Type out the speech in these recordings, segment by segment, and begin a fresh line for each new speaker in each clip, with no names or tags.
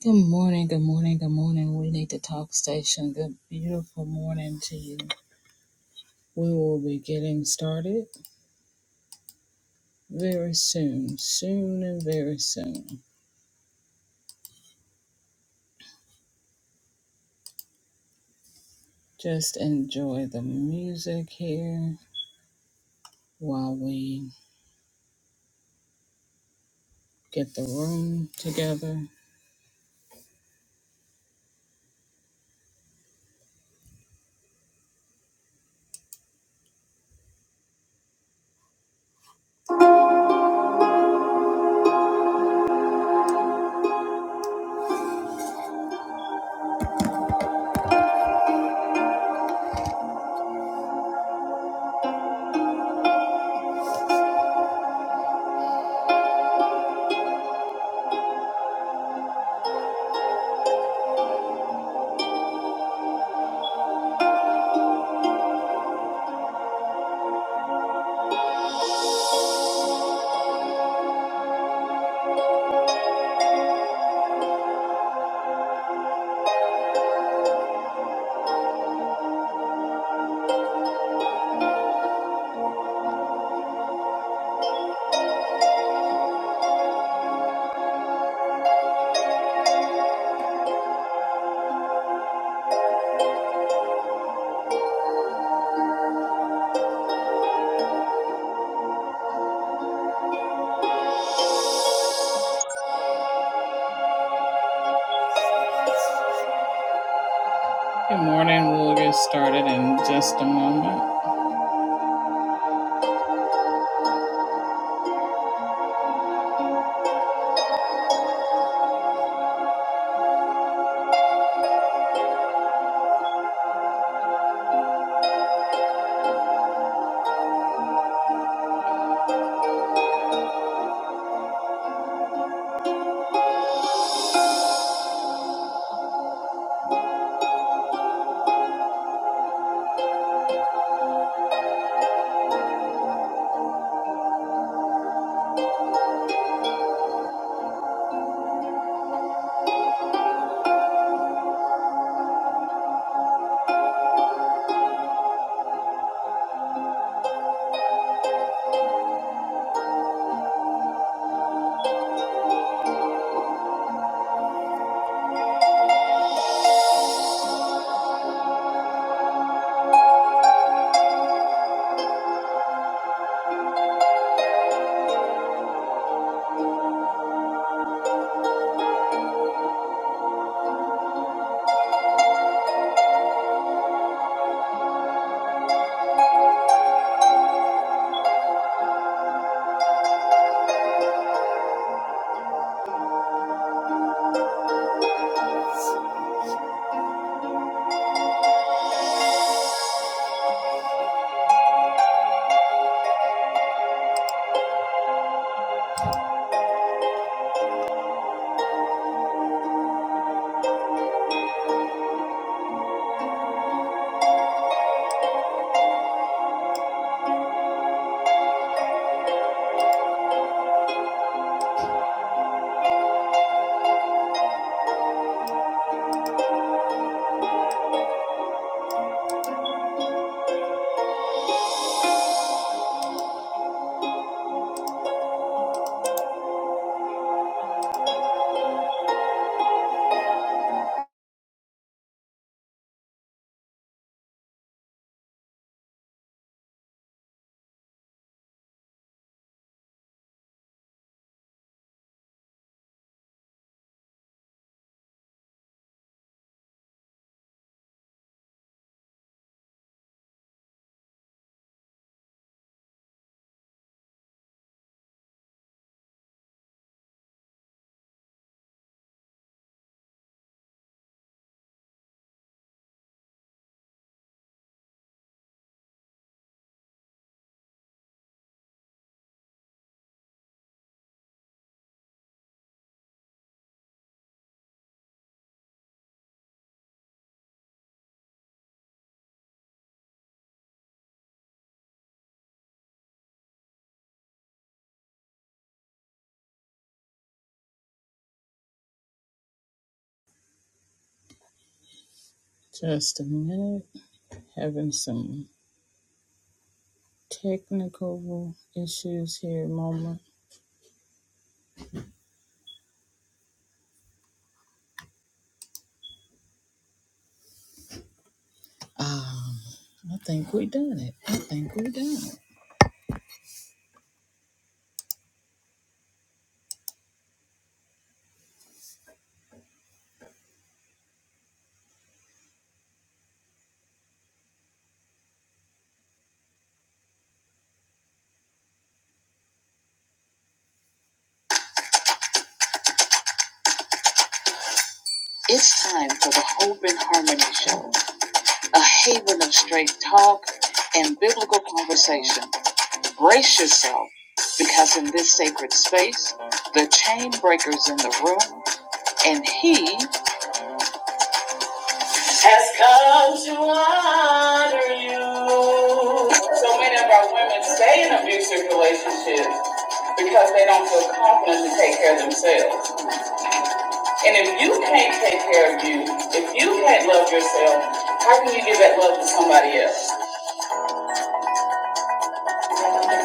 Good morning, good morning, good morning. We need to talk station. Good, beautiful morning to you. We will be getting started very soon, soon and very soon. Just enjoy the music here while we get the room together. Good morning. We'll get started in just a moment. Just a minute. Having some technical issues here. Moment. Um, I think we done it. I think we done it. It's time for the Hope and Harmony Show, a haven of straight talk and biblical conversation. Gracious, sir, because the chain breakers in the room, and he has come to honor you. So many of our women stay in abusive relationships because they don't feel confident to take care of themselves. And if you can't take care of you, if you can't love yourself, how can you give that love to somebody else?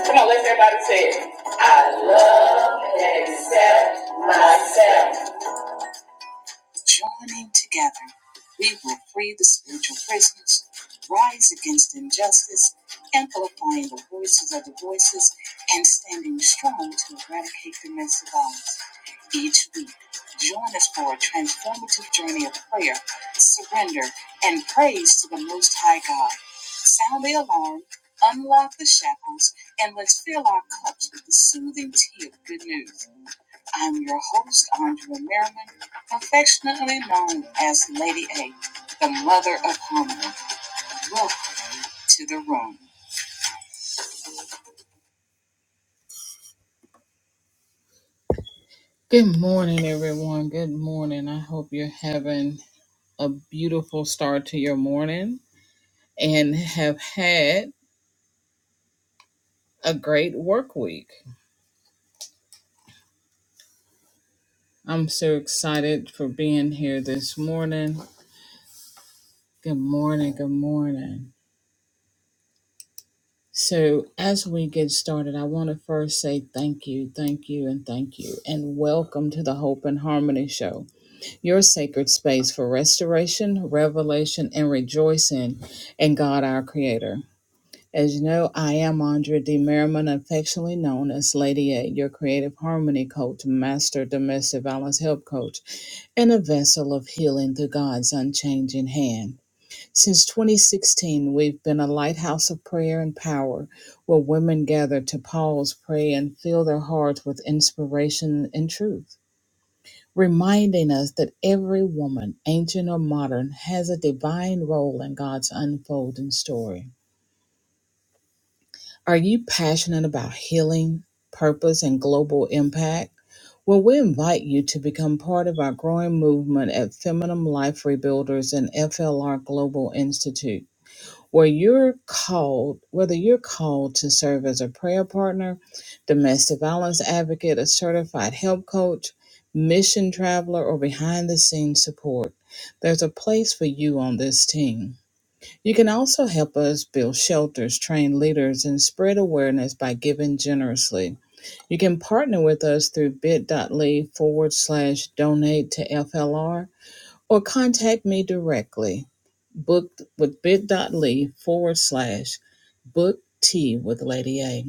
Come on, let's everybody say it. I love and accept myself. Good morning, everyone. Good morning. I hope you're having a beautiful start to your morning and have had a great work week. I'm so excited for being here this morning. Good morning. Good morning. So, as we get started, I want to first say thank you, thank you, and thank you, and welcome to the Hope and Harmony Show. your sacred space for restoration, revelation, and rejoicing in God our Creator. As you know, I am Andrea D. Merriman, affectionately known as Lady A, your creative harmony coach, master domestic violence help coach, and a vessel of healing through God's unchanging hand. Since 2016, we've been a lighthouse of prayer and power where women gather to pause, pray, and fill their hearts with inspiration and truth reminding us that every woman, ancient or modern, has a divine role in God's unfolding story. Are you passionate about healing, purpose, and global impact? Well, we invite you to become part of our growing movement at Feminine Life Rebuilders and FLR Global Institute where you're called, whether you're called to serve as a prayer partner, domestic violence advocate, a certified help coach, mission traveler, or behind the scenes support, there's a place for you on this team. You can also help us build shelters, train leaders, and spread awareness by giving generously. You can partner with us through bit.ly forward slash donate to FLR or contact me directly. Booked with bit.ly forward slash book tea with Lady A.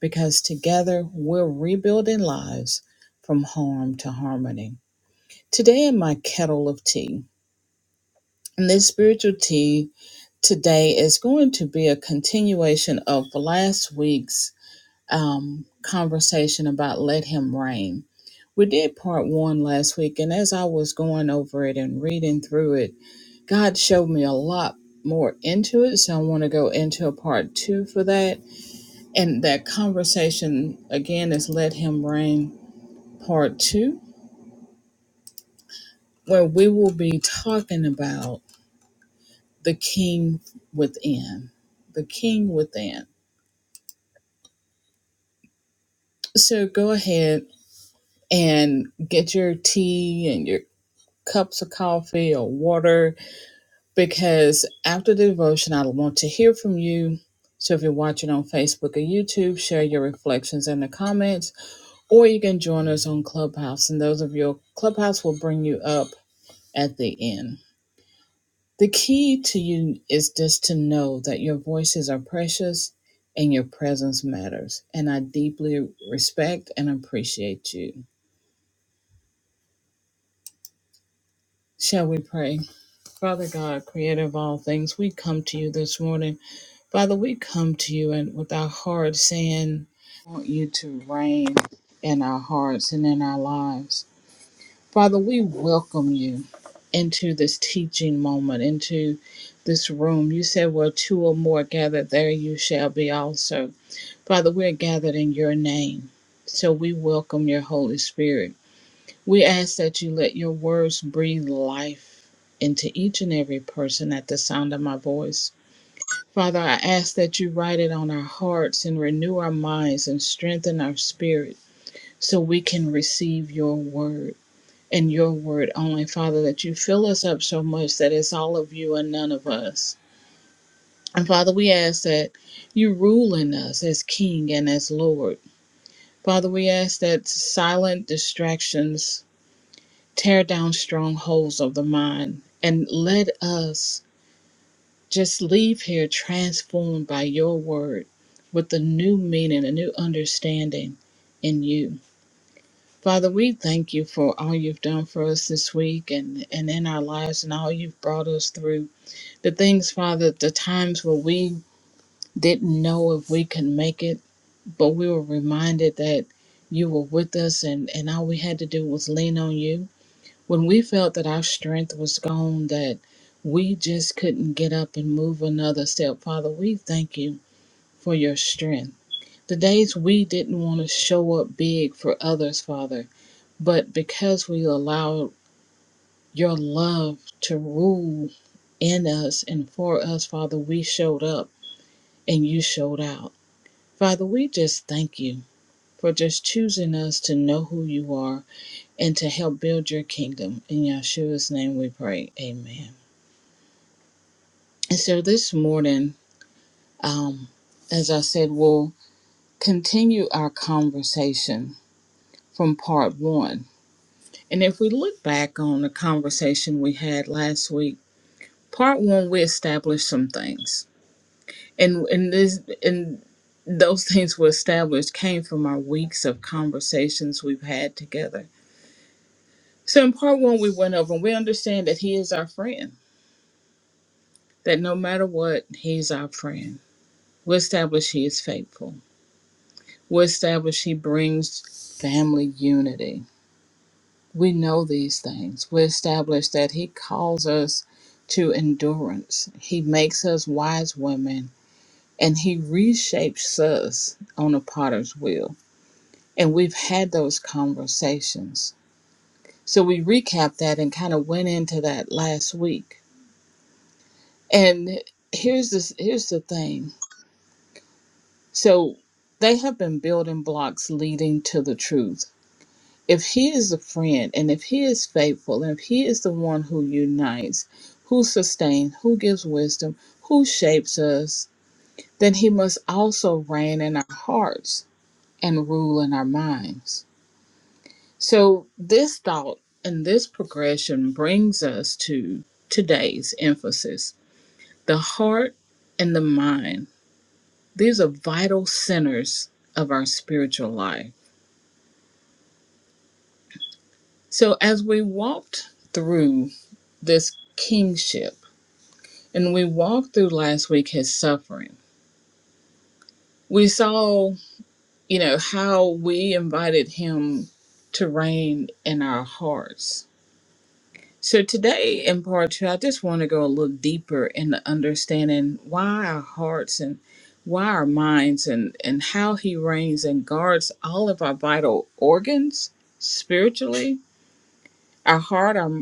Because together we're rebuilding lives from harm to harmony. Today in my kettle of tea, and this spiritual tea today is going to be a continuation of last week's um, conversation about let him reign. We did part one last week, and as I was going over it and reading through it, God showed me a lot more into it, so I want to go into a part two for that. And that conversation again is Let Him Reign part two, where we will be talking about the king within. The king within. So go ahead and get your tea and your cups of coffee or water because after the devotion, I want to hear from you. So if you're watching on Facebook or YouTube, share your reflections in the comments Or you can join us on Clubhouse, and those of your Clubhouse will bring you up at the end. The key to you is just to know that your voices are precious and your presence matters. And I deeply respect and appreciate you. Shall we pray? Father God, creator of all things, we come to you this morning. Father, we come to you and with our hearts saying, I want you to reign in our hearts and in our lives. Father, we welcome you into this teaching moment, into this room. You said, Where two or more are gathered, there you shall be also. Father, we're gathered in your name, so we welcome your Holy Spirit. We ask that you let your words breathe life into each and every person at the sound of my voice. Father, I ask that you write it on our hearts and renew our minds and strengthen our spirit so we can receive your word and your word only, Father, that you fill us up so much that it's all of you and none of us. And Father, we ask that you rule in us as King and as Lord. Father, we ask that silent distractions tear down strongholds of the mind and let us just leave here transformed by your word with a new meaning, a new understanding in you. Father, we thank you for all you've done for us this week and, and in our lives and all you've brought us through. The things, Father, the times where we didn't know if we could make it, but we were reminded that you were with us and, and all we had to do was lean on you. When we felt that our strength was gone, that we just couldn't get up and move another step, Father, we thank you for your strength. The days we didn't want to show up big for others, Father. But because we allowed your love to rule in us and for us, Father, we showed up and you showed out. Father, we just thank you for just choosing us to know who you are and to help build your kingdom. In Yeshua's name we pray. Amen. And so this morning, um, as I said, we'll continue our conversation from part one. And if we look back on the conversation we had last week, part one we established some things and and this and those things we established came from our weeks of conversations we've had together so in part one we went over and we understand that he is our friend that no matter what he's our friend we establish he is faithful we establish he brings family unity we know these things we establish that he calls us to endurance he makes us wise women and he reshapes us on a potter's wheel. And we've had those conversations. So we recapped that and kind of went into that last week. And here's this here's the thing. So they have been building blocks leading to the truth. If he is a friend and if he is faithful and if he is the one who unites, who sustains, who gives wisdom, who shapes us, then he must also reign in our hearts and rule in our minds. So, this thought and this progression brings us to today's emphasis the heart and the mind. These are vital centers of our spiritual life. So, as we walked through this kingship and we walked through last week his suffering, we saw, you know, how we invited him to reign in our hearts So today in part two, I just want to go a little deeper in understanding why our hearts and why our minds and, and how he reigns and guards all of our vital organs spiritually, our heart, our,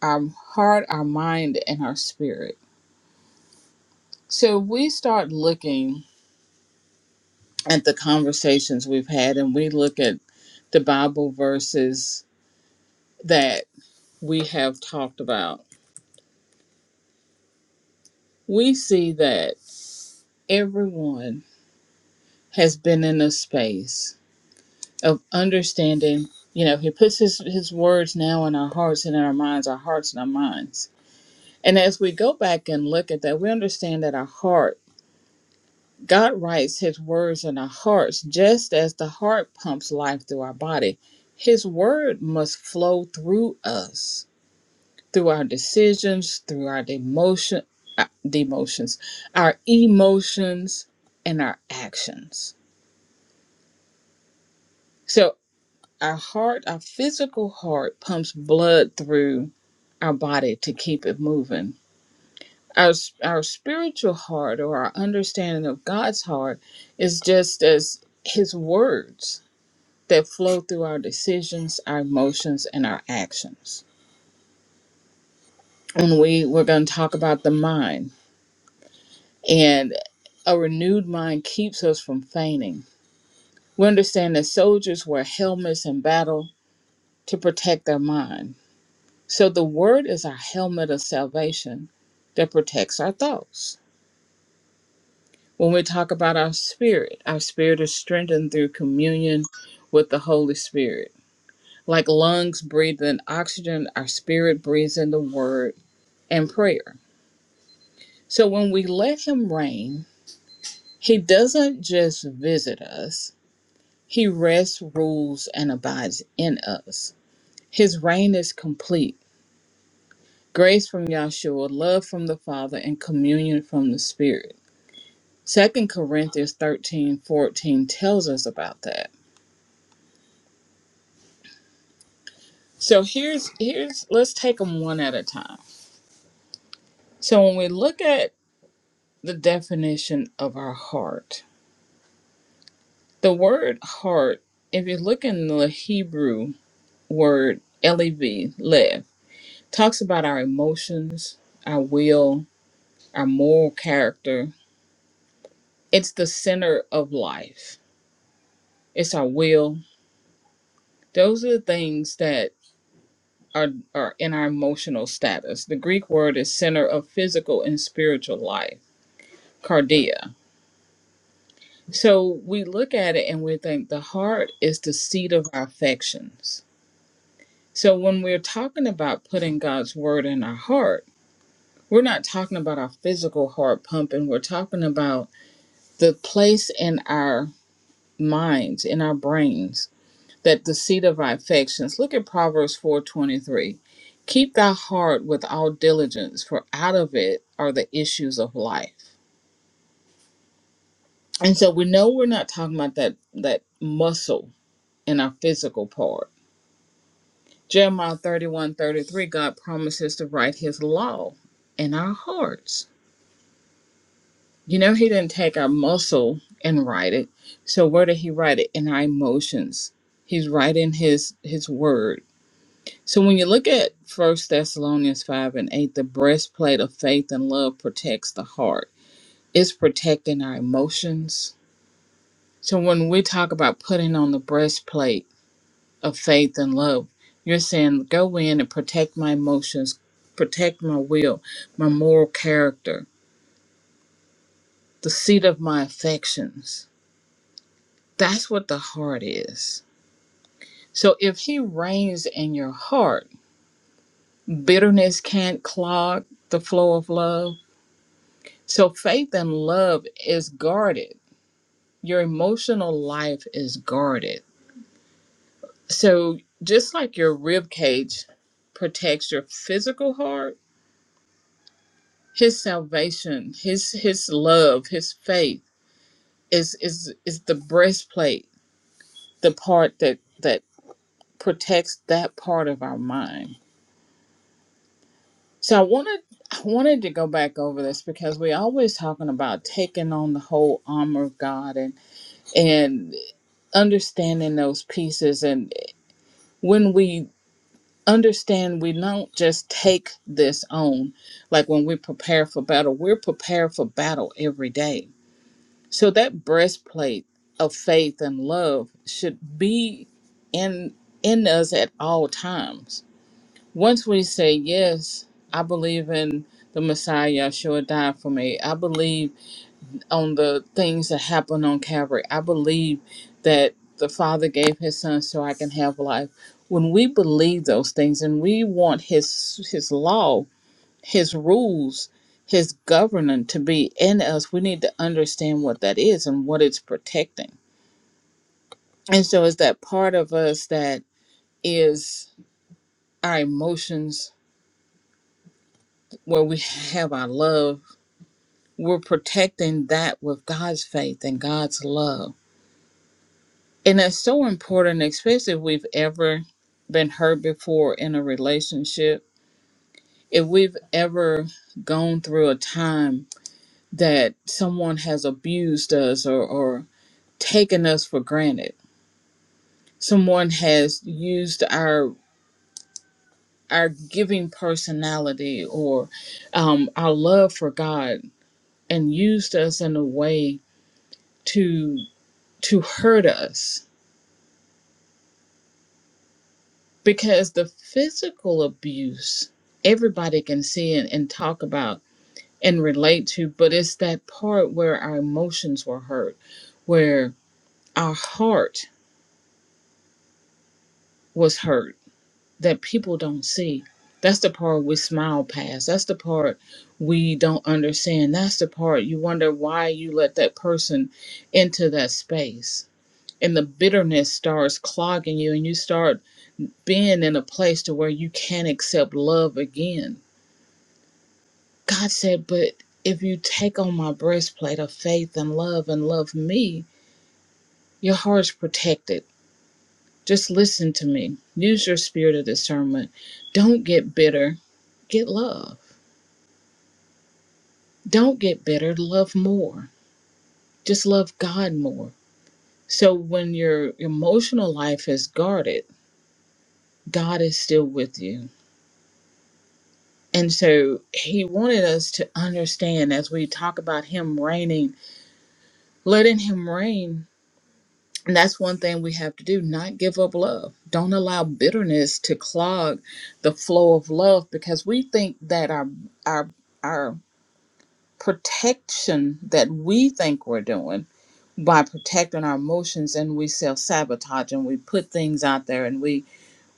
our heart, our mind, and our spirit. So we start looking at the conversations we've had and we look at the Bible verses that we have talked about. We see that everyone has been in a space of understanding. You know, he puts his, his words now in our hearts and in our minds, our hearts and our minds. And as we go back and look at that, we understand that our heart, God writes his words in our hearts just as the heart pumps life through our body. His word must flow through us, through our decisions, through our demotion, uh, demotions, our emotions, and our actions. So Our heart, our physical heart, pumps blood through our body to keep it moving. Our, our spiritual heart or our understanding of God's heart is just as His words that flow through our decisions, our emotions, and our actions. And we, we're going to talk about the mind. And a renewed mind keeps us from fainting. We understand that soldiers wear helmets in battle to protect their mind. So the word is our helmet of salvation that protects our thoughts. When we talk about our spirit, our spirit is strengthened through communion with the Holy Spirit. Like lungs breathe in oxygen, our spirit breathes in the word and prayer. So when we let him reign, he doesn't just visit us, he rests, rules, and abides in us. His reign is complete. Grace from Yahshua, love from the Father, and communion from the Spirit. Second Corinthians 13 14 tells us about that. So here's here's let's take them one at a time. So when we look at the definition of our heart, the word heart, if you look in the Hebrew word L-E-V, lev, talks about our emotions, our will, our moral character. It's the center of life. It's our will. Those are the things that our, our in our emotional status. The Greek word is center of physical and spiritual life, cardia. So we look at it and we think the heart is the seat of our affections. So when we're talking about putting God's word in our heart, we're not talking about our physical heart pumping. We're talking about the place in our minds, in our brains that the seat of our affections. Look at Proverbs 4:23. Keep thy heart with all diligence, for out of it are the issues of life. And so we know we're not talking about that that muscle in our physical part. Jeremiah 31 33: God promises to write his law in our hearts. You know, he didn't take our muscle and write it. So where did he write it? In our emotions. He's writing his his word So when you look at First Thessalonians 5 and 8, the breastplate of faith and love protects the heart. It's protecting our emotions. So when we talk about putting on the breastplate of faith and love, you're saying go in and protect my emotions, protect my will, my moral character, the seat of my affections. That's what the heart is. So if he reigns in your heart, bitterness can't clog the flow of love So faith and love is guarded. Your emotional life is guarded. So just like your rib cage protects your physical heart, his salvation, his his love, his faith is is is the breastplate, the part that that protects that part of our mind. So I wanted I wanted to go back over this because we are always talking about taking on the whole armor of God and and understanding those pieces and. when we understand we don't just take this on, like when we prepare for battle, we're prepared for battle every day. So that breastplate of faith and love should be in in us at all times. Once we say, Yes, I believe in the Messiah, Yeshua died for me. I believe on the things that happened on Calvary. I believe that the Father gave His Son so I can have life. When we believe those things and we want His His law, His rules, His governance to be in us, we need to understand what that is and what it's protecting. And so, it's that part of us that is our emotions, where we have our love, we're protecting that with God's faith and God's love And that's so important, especially if we've ever been hurt before in a relationship. If we've ever gone through a time that someone has abused us or, or taken us for granted, someone has used our our giving personality or um, our love for God and used us in a way to to hurt us because the physical abuse everybody can see and, and talk about and relate to but it's that part where our emotions were hurt where our heart was hurt that people don't see that's the part we smile past that's the part we don't understand that's the part you wonder why you let that person into that space and the bitterness starts clogging you and you start being in a place to where you can't accept love again God said, But if you take on my breastplate of faith and love and love me, your heart's protected. Just listen to me. Use your spirit of discernment. Don't get bitter, get love. Don't get bitter, love more. Just love God more. So when your emotional life is guarded, God is still with you. And so he wanted us to understand as we talk about him reigning, letting him reign And that's one thing we have to do not give up love. Don't allow bitterness to clog the flow of love because we think that our our our protection that we think we're doing by protecting our emotions and we self sabotage and we put things out there and we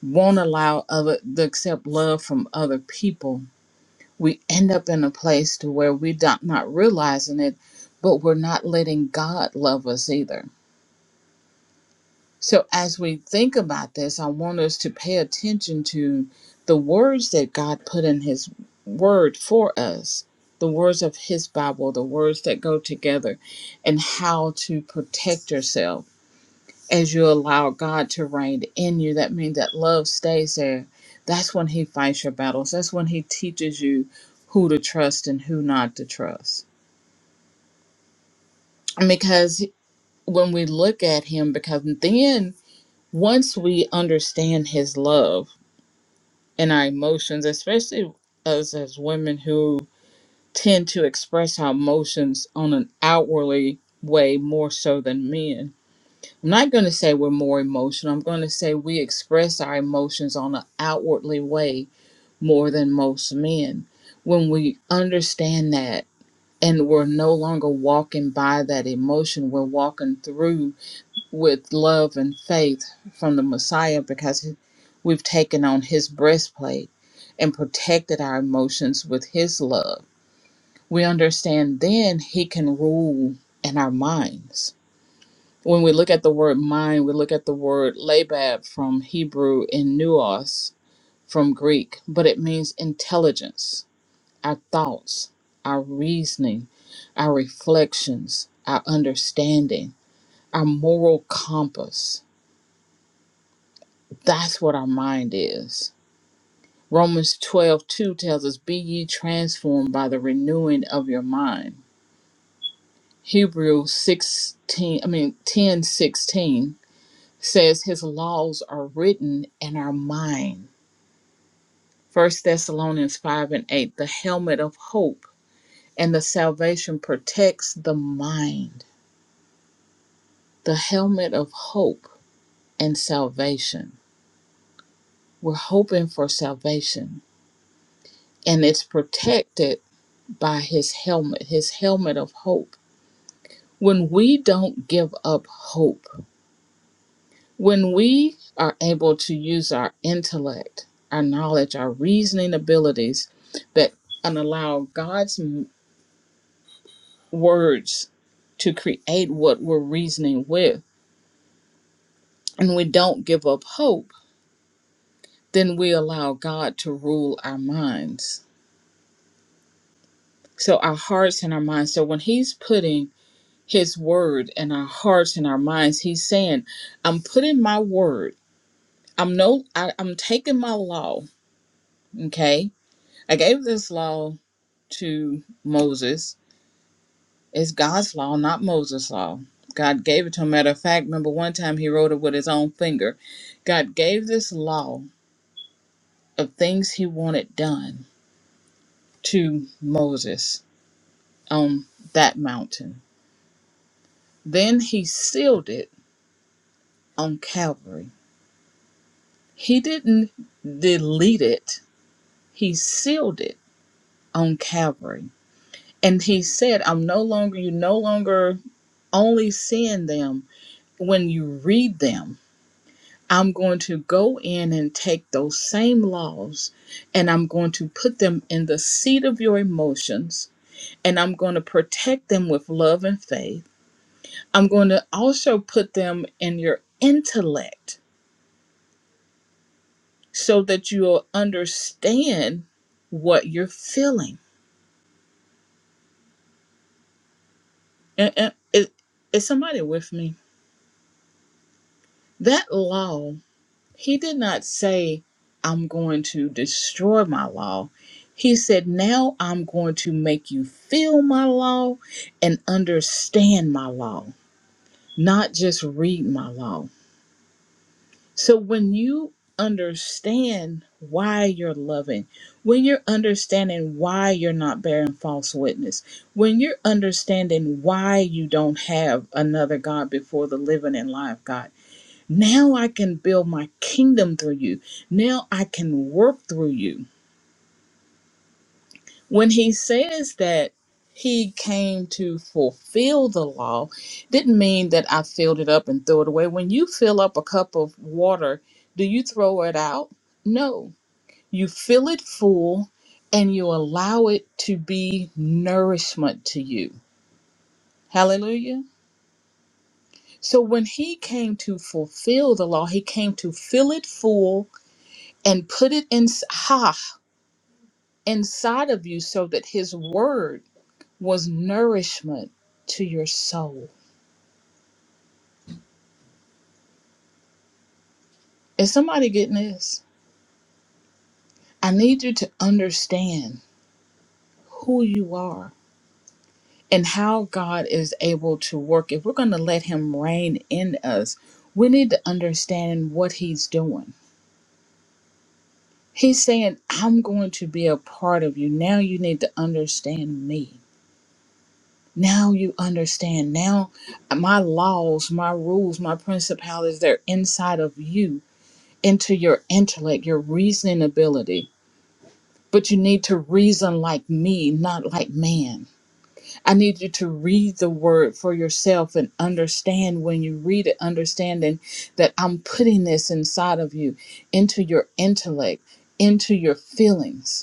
won't allow other to accept love from other people. We end up in a place to where we don't not realizing it, but we're not letting God love us either So, as we think about this, I want us to pay attention to the words that God put in His Word for us, the words of His Bible, the words that go together, and how to protect yourself as you allow God to reign in you. That means that love stays there. That's when He fights your battles, that's when He teaches you who to trust and who not to trust. Because when we look at Him, because then once we understand His love, and our emotions, especially us as women who tend to express our emotions on an outwardly way more so than men. I'm not going to say we're more emotional. I'm going to say we express our emotions on an outwardly way more than most men. When we understand that and we're no longer walking by that emotion, we're walking through with love and faith from the Messiah because we've taken on his breastplate and protected our emotions with his love. We understand then he can rule in our minds. When we look at the word mind, we look at the word labab from Hebrew and nuos from Greek, but it means intelligence, our thoughts, our reasoning, our reflections, our understanding, our moral compass That's what our mind is. Romans twelve two tells us, Be ye transformed by the renewing of your mind. Hebrews 16, I mean, ten sixteen says, His laws are written in our mind. First Thessalonians 5 and 8, the helmet of hope and the salvation protects the mind. The helmet of hope and salvation. We're hoping for salvation, and it's protected by his helmet, his helmet of hope. When we don't give up hope, when we are able to use our intellect, our knowledge, our reasoning abilities that and allow God's m- words to create what we're reasoning with, and we don't give up hope, then we allow God to rule our minds. So our hearts and our minds. So when he's putting his word in our hearts and our minds, he's saying, I'm putting my word I'm no I, I'm taking my law, okay? I gave this law to Moses. It's God's law, not Moses' law. God gave it to him. Matter of fact, remember one time he wrote it with his own finger. God gave this law of things he wanted done to Moses on that mountain. Then he sealed it on Calvary. He didn't delete it, he sealed it on Calvary. And he said, I'm no longer, you no longer only seeing them when you read them. I'm going to go in and take those same laws and I'm going to put them in the seat of your emotions and I'm going to protect them with love and faith. I'm going to also put them in your intellect so that you'll understand what you're feeling. And, and- is is somebody with me? That law. He did not say, I'm going to destroy my law. He said, Now I'm going to make you feel my law and understand my law, not just read my law. So when you understand why you're loving, when you're understanding why you're not bearing false witness, when you're understanding why you don't have another God before the living and live God now I can build my kingdom through you. Now I can work through you. When he says that he came to fulfill the law, didn't mean that I filled it up and threw it away. When you fill up a cup of water, do you throw it out? No. You fill it full and you allow it to be nourishment to you. Hallelujah. So when he came to fulfill the law, he came to fill it full and put it in. Ha! inside of you so that his word was nourishment to your soul. Is somebody getting this? I need you to understand who you are and how God is able to work. If we're going to let him reign in us, we need to understand what he's doing. He's saying, I'm going to be a part of you. Now you need to understand me. Now you understand. Now my laws, my rules, my principalities, they're inside of you into your intellect, your reasoning ability. But you need to reason like me, not like man. I need you to read the word for yourself and understand when you read it, understanding that I'm putting this inside of you, into your intellect, into your feelings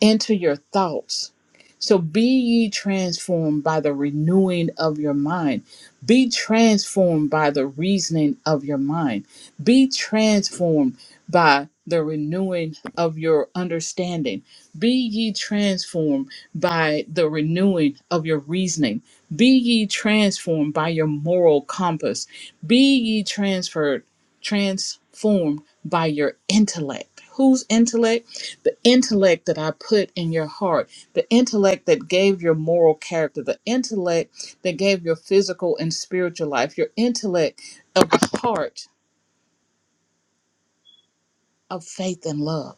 into your thoughts. So be ye transformed by the renewing of your mind. Be transformed by the reasoning of your mind. Be transformed by the renewing of your understanding. Be ye transformed by the renewing of your reasoning. Be ye transformed by your moral compass. Be ye transferred, transformed by your intellect. Whose intellect? the intellect that I put in your heart, the intellect that gave your moral character, the intellect that gave your physical and spiritual life, your intellect of the heart of faith and love.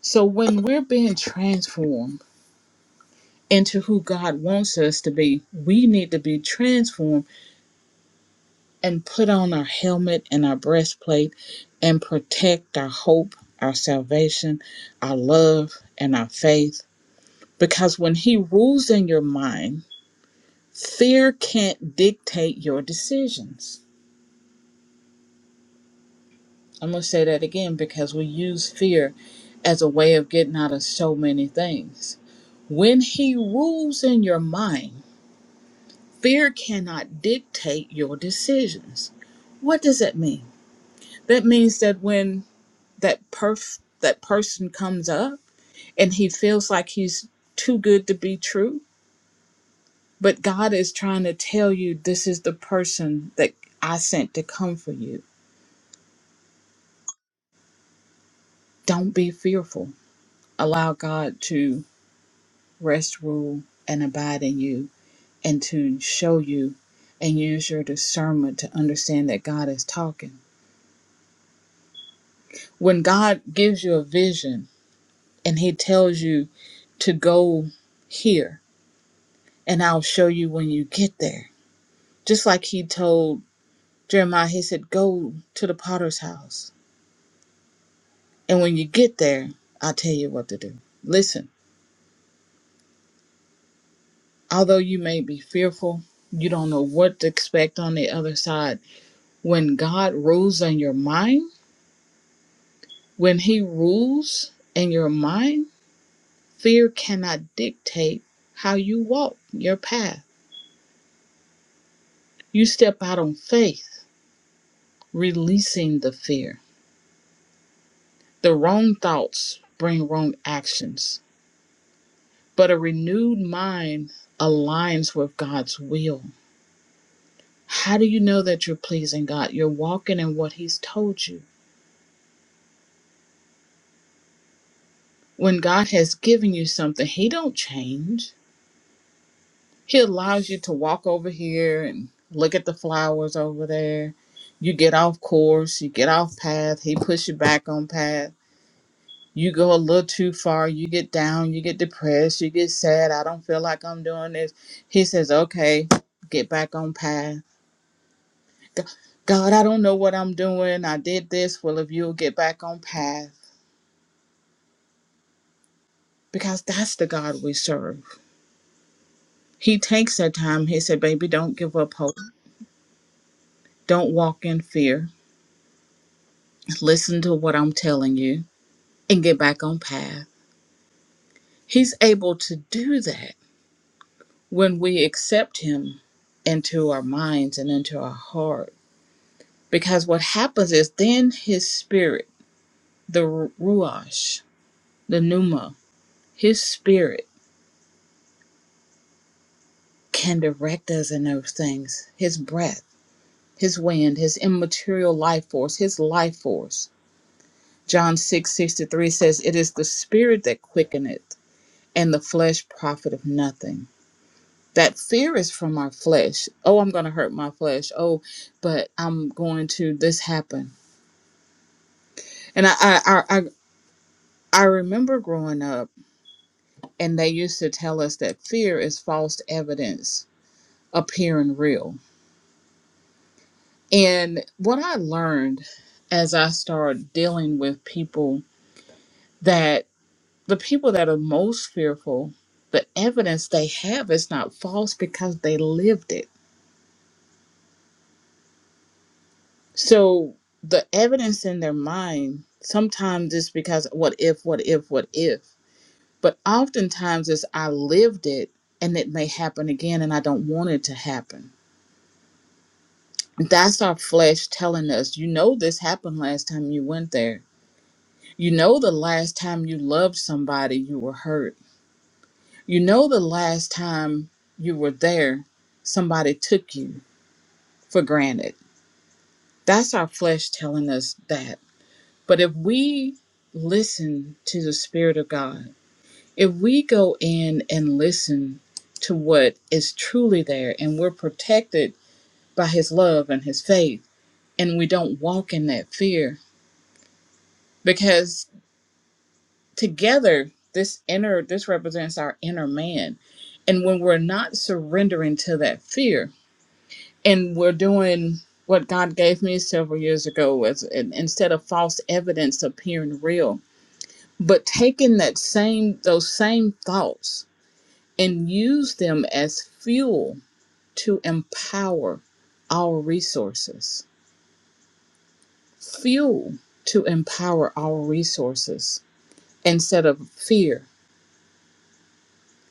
So when we're being transformed into who God wants us to be, we need to be transformed and put on our helmet and our breastplate and protect our hope, our salvation, our love, and our faith. Because when He rules in your mind, Fear can't dictate your decisions. I'm going to say that again because we use fear as a way of getting out of so many things. When he rules in your mind, fear cannot dictate your decisions. What does that mean? That means that when that perf that person comes up and he feels like he's too good to be true, but God is trying to tell you this is the person that I sent to come for you. Don't be fearful Allow God to rest, rule, and abide in you and to show you and use your discernment to understand that God is talking. When God gives you a vision and He tells you to go here, and I'll show you when you get there. Just like He told Jeremiah, He said, Go to the potter's house. And when you get there, I'll tell you what to do. Listen, although you may be fearful, you don't know what to expect on the other side When God rules in your mind, when He rules in your mind, fear cannot dictate how you walk your path. You step out on faith, releasing the fear. The wrong thoughts bring wrong actions, but a renewed mind aligns with God's will. How do you know that you're pleasing God? You're walking in what He's told you. When God has given you something, He don't change. He allows you to walk over here and look at the flowers over there. You get off course, you get off path, he puts you back on path. You go a little too far, you get down, you get depressed, you get sad. I don't feel like I'm doing this. He says, okay, get back on path. G- God, I don't know what I'm doing. I did this. Well, if you'll get back on path, because that's the God we serve. He takes that time. He said, baby, don't give up hope. Don't walk in fear. Listen to what I'm telling you and get back on path. He's able to do that when we accept Him into our minds and into our heart. Because what happens is then His Spirit, the Ruach, the Pneuma, His Spirit can direct us in those things. His breath, His wind, His immaterial life force, His life force. John six sixty three says, It is the Spirit that quickeneth, and the flesh profiteth nothing. that fear is from our flesh. Oh, I'm going to hurt my flesh. Oh, but I'm going to this happen. And I, I, I, I I remember growing up, and they used to tell us that fear is false evidence appearing real. And what I learned as I started dealing with people that the people that are most fearful, the evidence they have is not false because they lived it So the evidence in their mind sometimes it's because what if, what if, what if. But oftentimes it's I lived it and it may happen again and I don't want it to happen. That's our flesh telling us, you know, this happened last time you went there. You know, the last time you loved somebody, you were hurt. You know, the last time you were there, somebody took you for granted. That's our flesh telling us that But if we listen to the Spirit of God, if we go in and listen to what is truly there and we're protected by His love and His faith, and we don't walk in that fear, because together, this inner, this represents our inner man. And when we're not surrendering to that fear and we're doing what God gave me several years ago was in- instead of false evidence appearing real, but taking that same those same thoughts and use them as fuel to empower our resources fuel to empower our resources instead of fear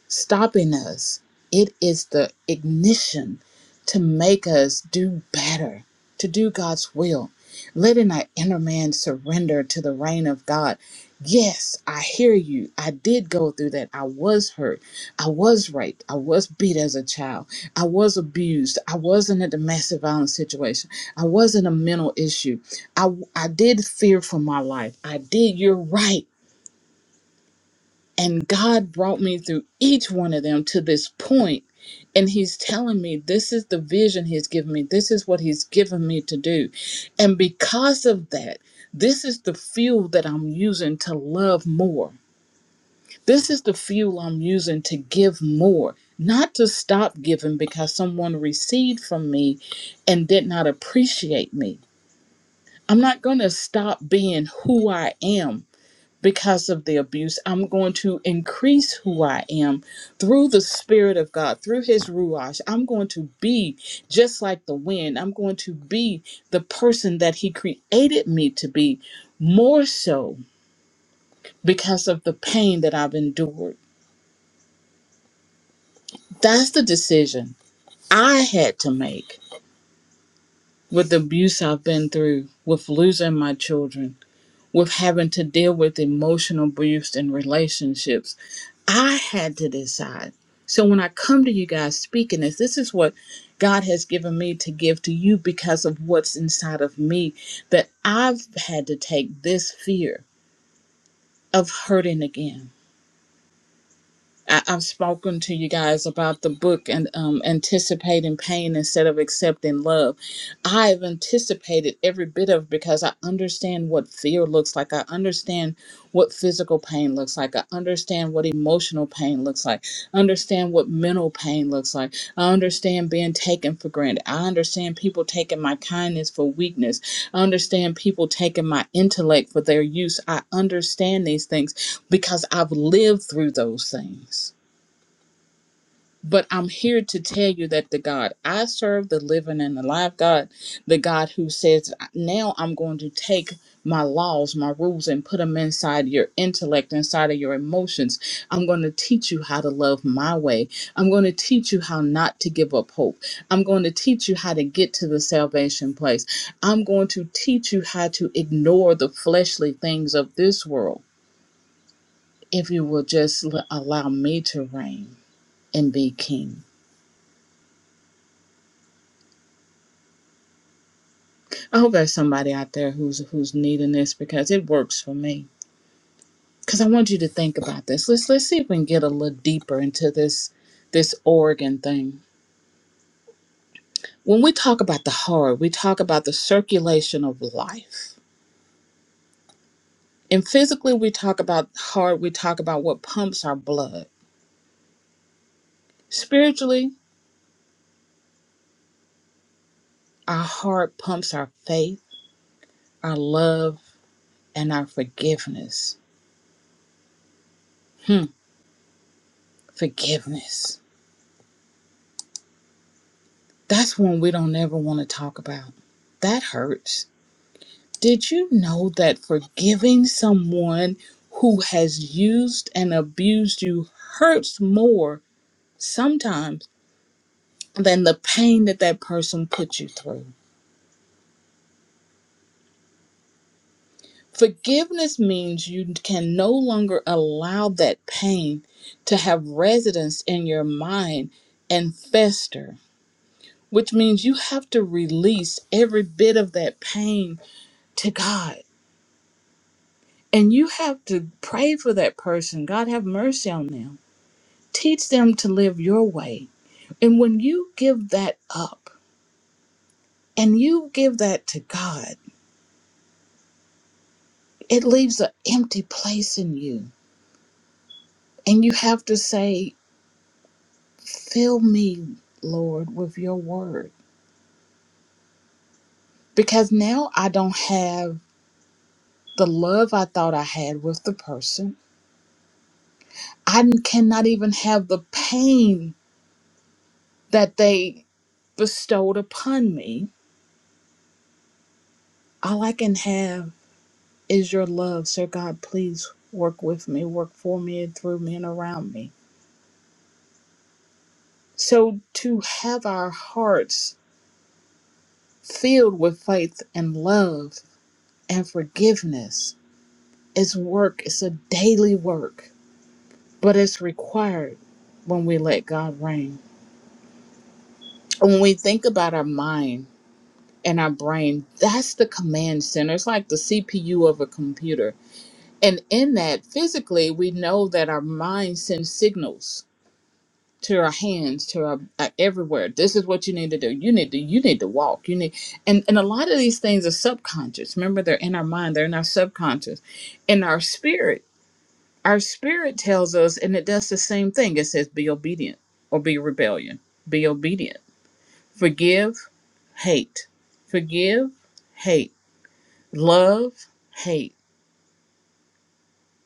stopping us. It is the ignition to make us do better, to do God's will, letting our inner man surrender to the reign of God. Yes, I hear you. I did go through that. I was hurt. I was raped. I was beat as a child. I was abused. I was in a domestic violence situation. I was in a mental issue. I, I did fear for my life. I did. You're right. And God brought me through each one of them to this point, And He's telling me this is the vision He's given me. This is what He's given me to do. And because of that, this is the fuel that I'm using to love more. This is the fuel I'm using to give more, not to stop giving because someone received from me and did not appreciate me. I'm not going to stop being who I am because of the abuse. I'm going to increase who I am through the Spirit of God, through His Ruach. I'm going to be just like the wind. I'm going to be the person that He created me to be, more so because of the pain that I've endured. That's the decision I had to make with the abuse I've been through, with losing my children. with having to deal with emotional abuse in relationships. I had to decide. So when I come to you guys speaking this, this is what God has given me to give to you because of what's inside of me that I've had to take this fear of hurting again. I, I've spoken to you guys about the book and um, anticipating pain instead of accepting love. I've anticipated every bit of it because I understand what fear looks like. I understand what physical pain looks like. I understand what emotional pain looks like. I understand what mental pain looks like. I understand being taken for granted. I understand people taking my kindness for weakness. I understand people taking my intellect for their use. I understand these things because I've lived through those things. But I'm here to tell you that the God I serve, the living and the alive God, the God who says, now I'm going to take my laws, my rules, and put them inside your intellect, inside of your emotions. I'm going to teach you how to love my way. I'm going to teach you how not to give up hope. I'm going to teach you how to get to the salvation place. I'm going to teach you how to ignore the fleshly things of this world if you will just l- allow me to reign and be king. I hope there's somebody out there who's who's needing this because it works for me. Because I want you to think about this. Let's let's see if we can get a little deeper into this this organ thing. When we talk about the heart, we talk about the circulation of life. And physically, we talk about heart. We talk about what pumps our blood. Spiritually, our heart pumps our faith, our love, and our forgiveness. Hmm, forgiveness. That's one we don't ever want to talk about. That hurts Did you know that forgiving someone who has used and abused you hurts more sometimes than the pain that that person put you through? Forgiveness means you can no longer allow that pain to have residence in your mind and fester, which means you have to release every bit of that pain to God. And you have to pray for that person. God, have mercy on them Teach them to live your way. And when you give that up and you give that to God, it leaves an empty place in you. And you have to say, Fill me, Lord, with your word. Because now I don't have the love I thought I had with the person. I cannot even have the pain that they bestowed upon me. All I can have is your love. So, God, please work with me, work for me, and through me, and around me So to have our hearts filled with faith and love and forgiveness is work, it's a daily work, but it's required when we let God reign. And when we think about our mind and our brain, that's the command center. It's like the CPU of a computer. And in that, physically, we know that our mind sends signals to our hands to our uh, everywhere this is what you need to do you need to you need to walk you need and and a lot of these things are subconscious remember they're in our mind they're in our subconscious in our spirit our spirit tells us and it does the same thing it says be obedient or be rebellion be obedient forgive hate forgive hate love hate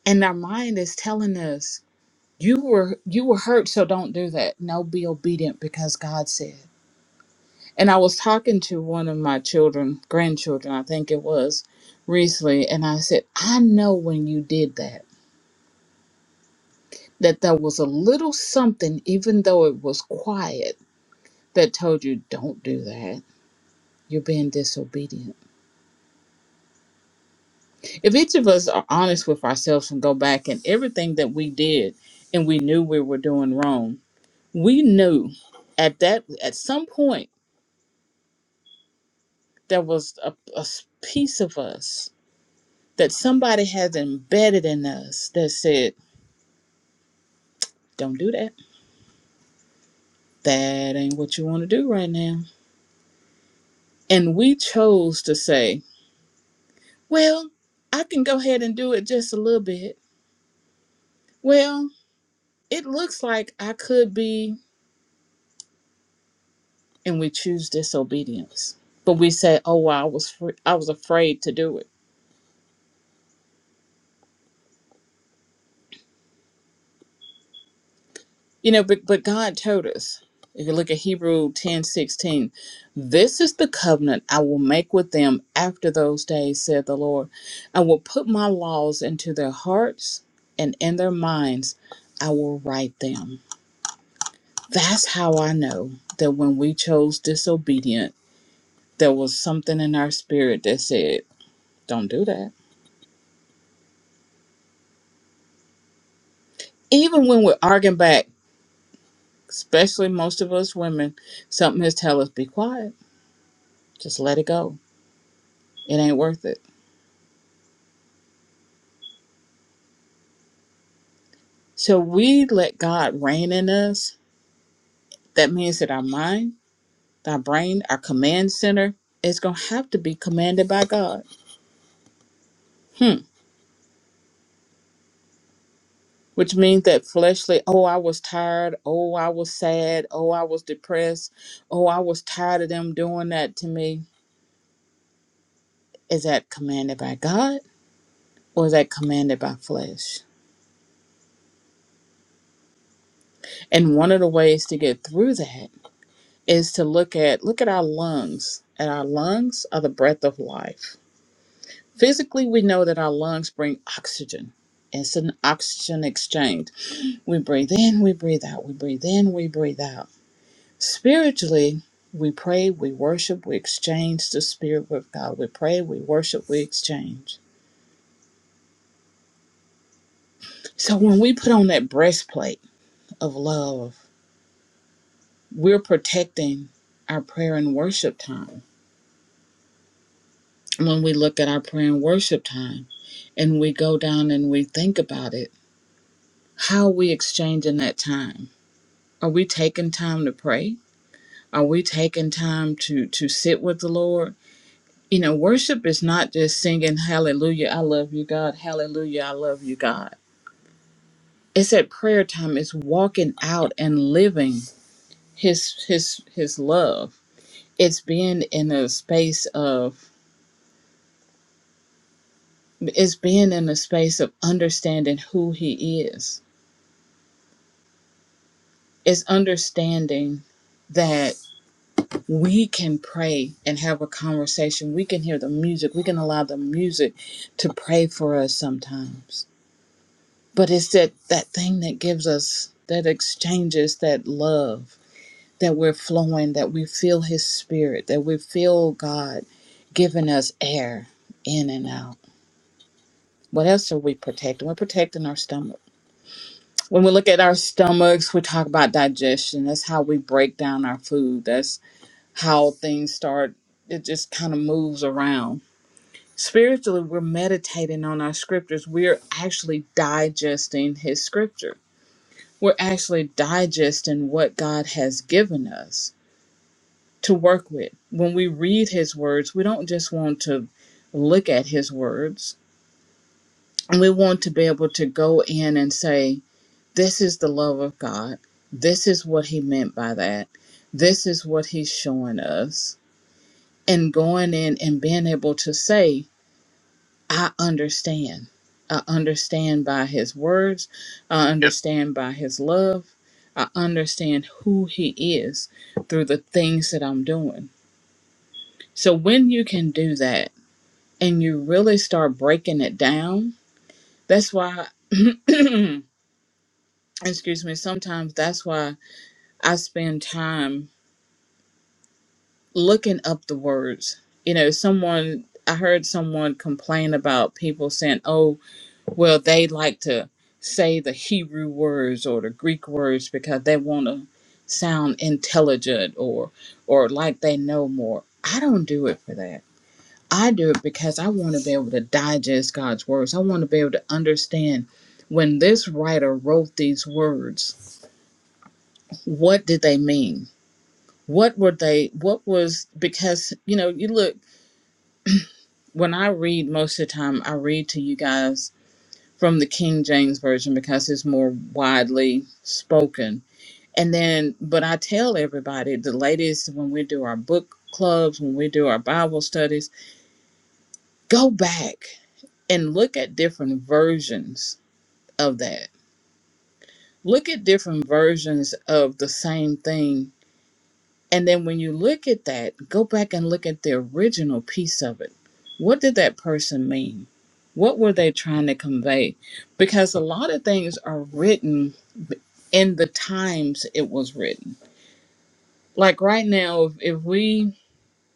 and our mind is telling us you were you were hurt so don't do that no be obedient because god said.'" And I was talking to one of my children, grandchildren, I think it was, recently, and I said, I know when you did that, that there was a little something, even though it was quiet, that told you, don't do that. You're being disobedient. If each of us are honest with ourselves and go back and everything that we did and we knew we were doing wrong, we knew at that at some point there was a, a piece of us that somebody has embedded in us that said Don't do that. That ain't what you want to do right now. And we chose to say, well, I can go ahead and do it just a little bit. Well, it looks like I could be, and we choose disobedience. But we say, oh, well, I was fr- I was afraid to do it. You know, but but God told us, if you look at Hebrew ten sixteen, this is the covenant I will make with them after those days, said the Lord. I will put my laws into their hearts and in their minds I will write them. That's how I know that when we chose disobedient, there was something in our spirit that said, Don't do that. Even when we're arguing back, especially most of us women, something has tell us be quiet. Just let it go. It ain't worth it So we let God reign in us. That means that our mind, our brain, our command center is going to have to be commanded by God. Hmm. Which means that fleshly, oh, I was tired. Oh, I was sad. Oh, I was depressed. Oh, I was tired of them doing that to me. Is that commanded by God or is that commanded by flesh? And one of the ways to get through that is to look at look at our lungs. And our lungs are the breath of life Physically, we know that our lungs bring oxygen. It's an oxygen exchange. We breathe in, we breathe out, we breathe in, we breathe out. Spiritually, we pray, we worship, we exchange the spirit with God. We pray, we worship, we exchange. So when we put on that breastplate of love, we're protecting our prayer and worship time. When we look at our prayer and worship time and we go down and we think about it, how are we exchanging that time? Are we taking time to pray? Are we taking time to to sit with the Lord? You know, worship is not just singing hallelujah, I love you God, hallelujah, I love you God. It's at prayer time, it's walking out and living his his his love. It's being in a space of it's being in a space of understanding who he is. It's understanding that we can pray and have a conversation. We can hear the music. We can allow the music to pray for us sometimes. But it's that, that thing that gives us, that exchanges that love, that we're flowing, that we feel His Spirit, that we feel God giving us air in and out. What else are we protecting? We're protecting our stomach. When we look at our stomachs, we talk about digestion. That's how we break down our food. That's how things start. It just kind of moves around Spiritually, we're meditating on our scriptures. We're actually digesting His scripture. We're actually digesting what God has given us to work with. When we read His words, we don't just want to look at His words, we want to be able to go in and say, This is the love of God. This is what He meant by that. This is what He's showing us. And going in and being able to say, I understand. I understand by his words. I Yes. understand by his love. I understand who he is through the things that I'm doing. So when you can do that and you really start breaking it down, that's why, excuse me, sometimes that's why I spend time looking up the words. You know, someone, I heard someone complain about people saying, oh, Well, they like to say the Hebrew words or the Greek words because they want to sound intelligent or or like they know more. I don't do it for that. I do it because I want to be able to digest God's words. I want to be able to understand when this writer wrote these words, what did they mean? What were they what was because you know, you look when I read most of the time I read to you guys from the King James version because it's more widely spoken. And then, but I tell everybody, the ladies, when we do our book clubs, when we do our Bible studies, go back and look at different versions of that. Look at different versions of the same thing And then when you look at that, go back and look at the original piece of it. What did that person mean? What were they trying to convey? Because a lot of things are written in the times it was written. Like right now, if, if we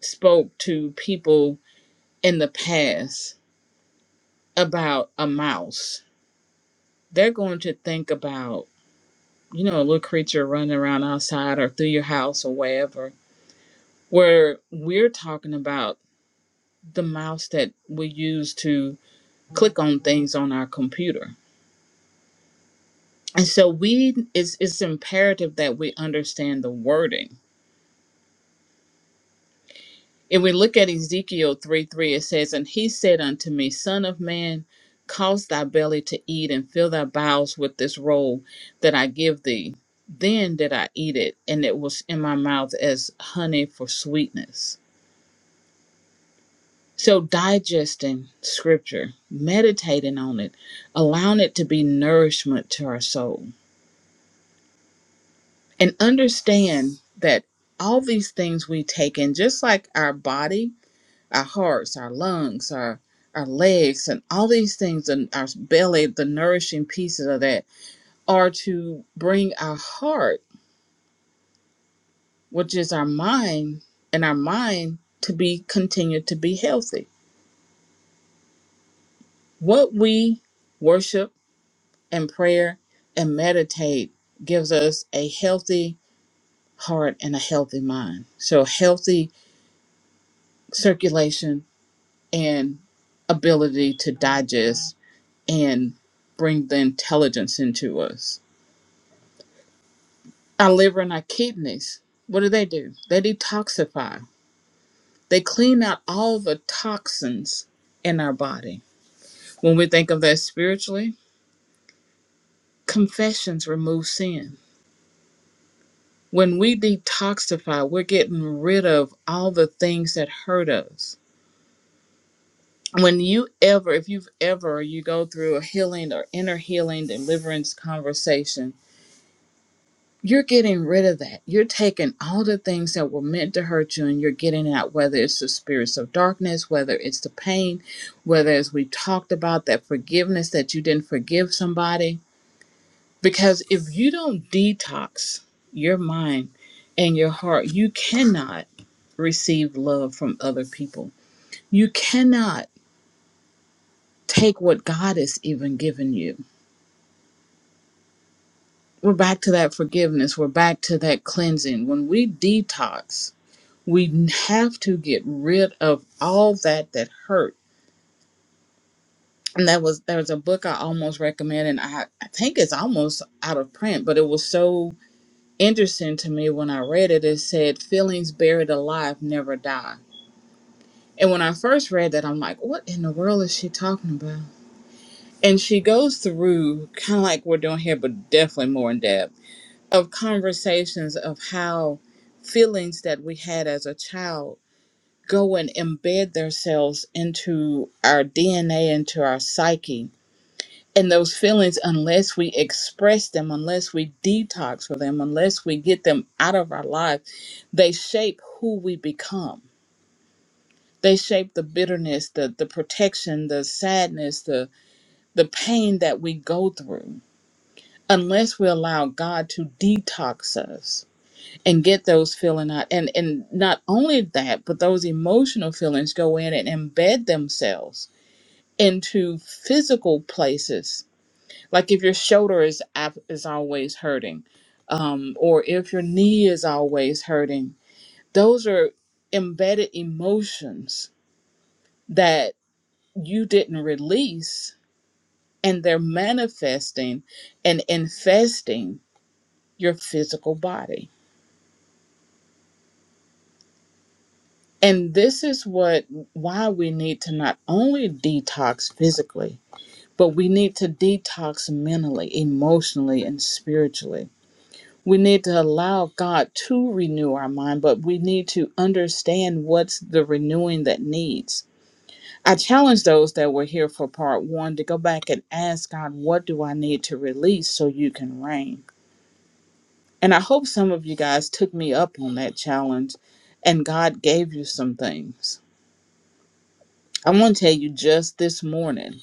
spoke to people in the past about a mouse, they're going to think about, you know, a little creature running around outside or through your house or wherever, where we're talking about the mouse that we use to click on things on our computer. And so we it's it's imperative that we understand the wording. If we look at Ezekiel 3 3, it says, And he said unto me, Son of man, cause thy belly to eat and fill thy bowels with this roll that I give thee. Then did I eat it, and it was in my mouth as honey for sweetness. So, digesting scripture, meditating on it, allowing it to be nourishment to our soul, and understand that all these things we take in, just like our body, our hearts, our lungs, our our legs, and all these things, and our belly, the nourishing pieces of that, are to bring our heart, which is our mind, and our mind to be continued to be healthy. What we worship and prayer and meditate gives us a healthy heart and a healthy mind. So, healthy circulation and ability to digest and bring the intelligence into us. Our liver and our kidneys, what do they do? They detoxify, they clean out all the toxins in our body. When we think of that spiritually, confessions remove sin When we detoxify, we're getting rid of all the things that hurt us. When you ever, if you've ever, you go through a healing or inner healing deliverance conversation, you're getting rid of that. You're taking all the things that were meant to hurt you and you're getting out, whether it's the spirits of darkness, whether it's the pain, whether, as we talked about, that forgiveness that you didn't forgive somebody Because if you don't detox your mind and your heart, you cannot receive love from other people. You cannot take what God has even given you. We're back to that forgiveness. We're back to that cleansing. When we detox, we have to get rid of all that that hurt. And that was there was a book I almost recommend, and I, I think it's almost out of print, but it was so interesting to me when I read it. It said, Feelings buried alive never die. And when I first read that, I'm like, What in the world is she talking about? And she goes through, kind of like we're doing here, but definitely more in depth, of conversations of how feelings that we had as a child go and embed themselves into our DNA, into our psyche And those feelings, unless we express them, unless we detox from them, unless we get them out of our life, they shape who we become. They shape the bitterness, the the protection, the sadness, the the pain that we go through. Unless we allow God to detox us and get those feelings out, and and not only that, but those emotional feelings go in and embed themselves into physical places like if your shoulder is ab- is always hurting um, or if your knee is always hurting those are embedded emotions that you didn't release and they're manifesting and infesting your physical body and this is what why we need to not only detox physically but we need to detox mentally emotionally and spiritually We need to allow God to renew our mind, but we need to understand what's the renewing that needs. I challenge those that were here for part one to go back and ask God, What do I need to release so you can reign? And I hope some of you guys took me up on that challenge and God gave you some things. I want to tell you just this morning,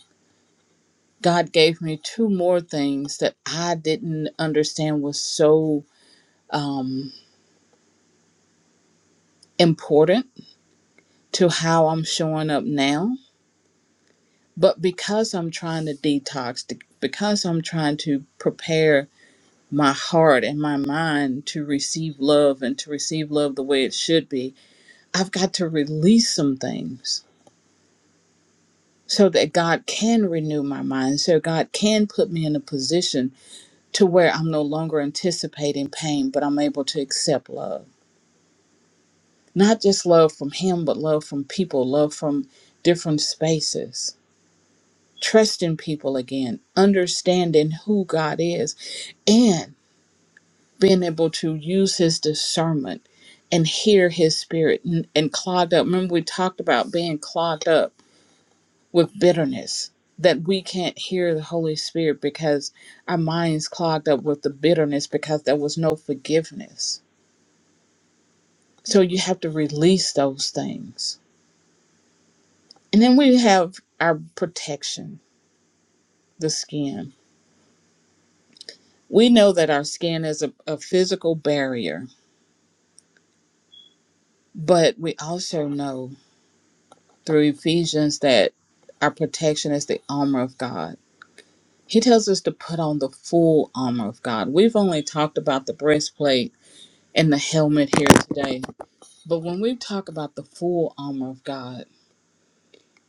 God gave me two more things that I didn't understand was so um, important to how I'm showing up now But because I'm trying to detox, to- because I'm trying to prepare my heart and my mind to receive love and to receive love the way it should be, I've got to release some things so that God can renew my mind, so God can put me in a position to where I'm no longer anticipating pain, but I'm able to accept love. Not just love from Him, but love from people, love from different spaces. trusting people again, understanding who God is, and being able to use his discernment and hear his spirit and, and clogged up. Remember, we talked about being clogged up with bitterness, that we can't hear the Holy Spirit because our minds clogged up with the bitterness because there was no forgiveness. So you have to release those things. And then we have our protection, the skin. We know that our skin is a, a physical barrier But we also know through Ephesians that our protection is the armor of God. He tells us to put on the full armor of God. We've only talked about the breastplate and the helmet here today. But when we talk about the full armor of God,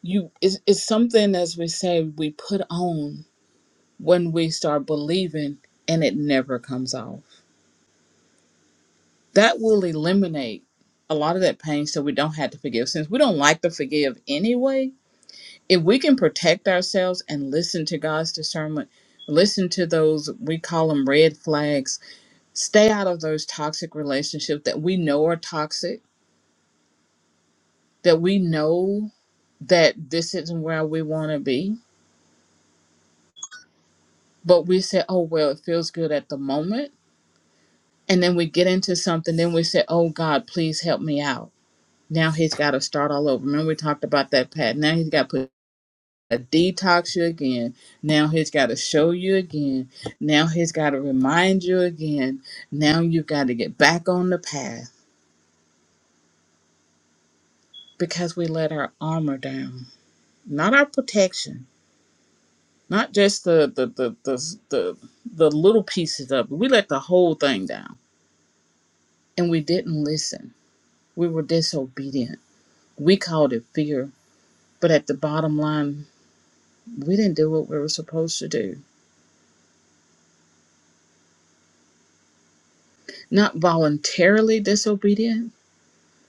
you it's, it's something as we say we put on when we start believing and it never comes off. That will eliminate a lot of that pain so we don't have to forgive. Since we don't like to forgive anyway, if we can protect ourselves and listen to God's discernment, listen to those, we call them red flags, stay out of those toxic relationships that we know are toxic, that we know that this isn't where we want to be, but we say, oh, well, it feels good at the moment. And then we get into something, then we say, oh, God, please help me out. Now he's got to start all over. Remember, we talked about that, Pat. Now he's got to put to detox you again. Now he's got to show you again. Now he's got to remind you again. Now you've got to get back on the path because we let our armor down, not our protection, not just the the the the the, the little pieces of it. We let the whole thing down, and we didn't listen. We were disobedient. We called it fear. But at the bottom line, we didn't do what we were supposed to do. Not voluntarily disobedient,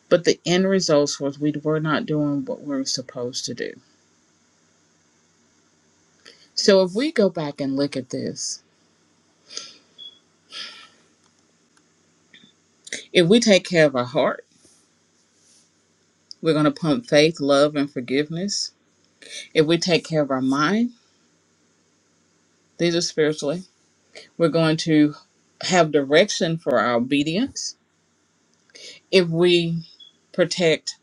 But the end result was we were not doing what we were supposed to do. So if we go back and look at this, if we take care of our heart, we're going to pump faith, love, and forgiveness. If we take care of our mind, these are spiritually, we're going to have direction for our obedience. If we protect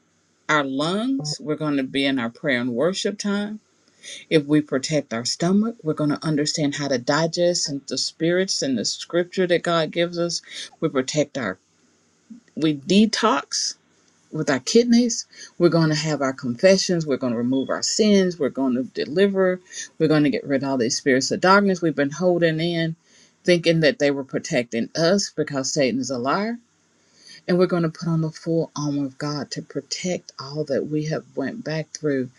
our lungs, we're going to be in our prayer and worship time. If we protect our stomach, we're going to understand how to digest and the spirits and the scripture that God gives us. We protect our we detox with our kidneys. We're going to have our confessions. We're going to remove our sins. We're going to deliver. We're going to get rid of all these spirits of darkness we've been holding in, thinking that they were protecting us because Satan is a liar. And we're going to put on the full armor of God to protect all that we have went back through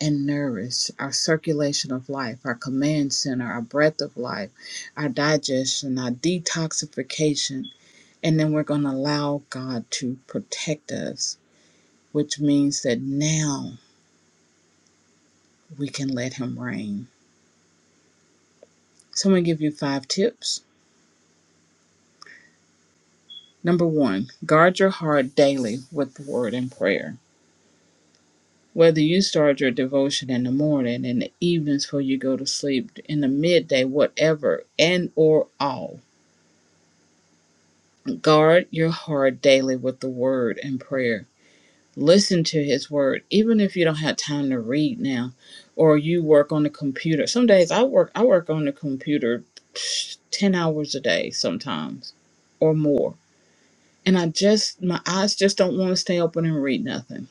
and nourish our circulation of life, our command center, our breath of life, our digestion, our detoxification and then we're going to allow God to protect us, which means that now we can let Him reign. So I'm going to give you five tips. Number one, guard your heart daily with the word and prayer. Whether you start your devotion in the morning, in the evenings before you go to sleep, in the midday, whatever, and or all, guard your heart daily with the word and prayer listen to his word even if you don't have time to read now or you work on the computer some days i work i work on the computer 10 hours a day sometimes or more and i just my eyes just don't want to stay open and read nothing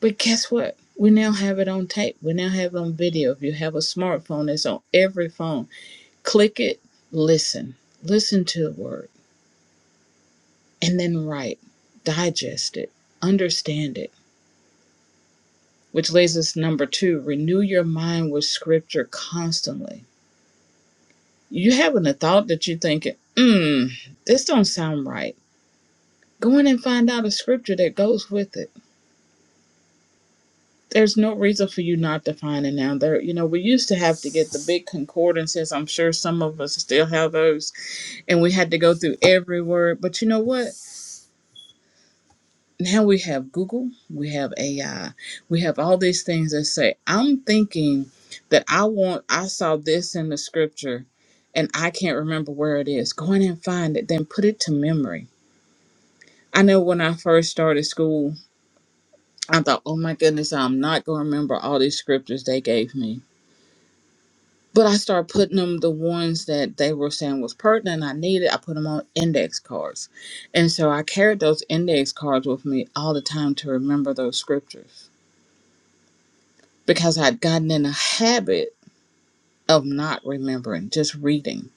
but guess what we now have it on tape we now have it on video if you have a smartphone it's on every phone click it listen listen to the word and then write digest it understand it which leads us to number two renew your mind with scripture constantly you having a thought that you think hmm this don't sound right go in and find out a scripture that goes with it there's no reason for you not to find it now there you know we used to have to get the big concordances i'm sure some of us still have those and we had to go through every word but you know what now we have Google, we have AI, we have all these things that say, I'm thinking that I want, I saw this in the scripture and I can't remember where it is. Go in and find it, then put it to memory. I know when I first started school, I thought, oh my goodness, I'm not going to remember all these scriptures they gave me. But I started putting them the ones that they were saying was pertinent. I needed. I put them on index cards, and so I carried those index cards with me all the time to remember those scriptures. because I'd gotten in a habit of not remembering, just reading.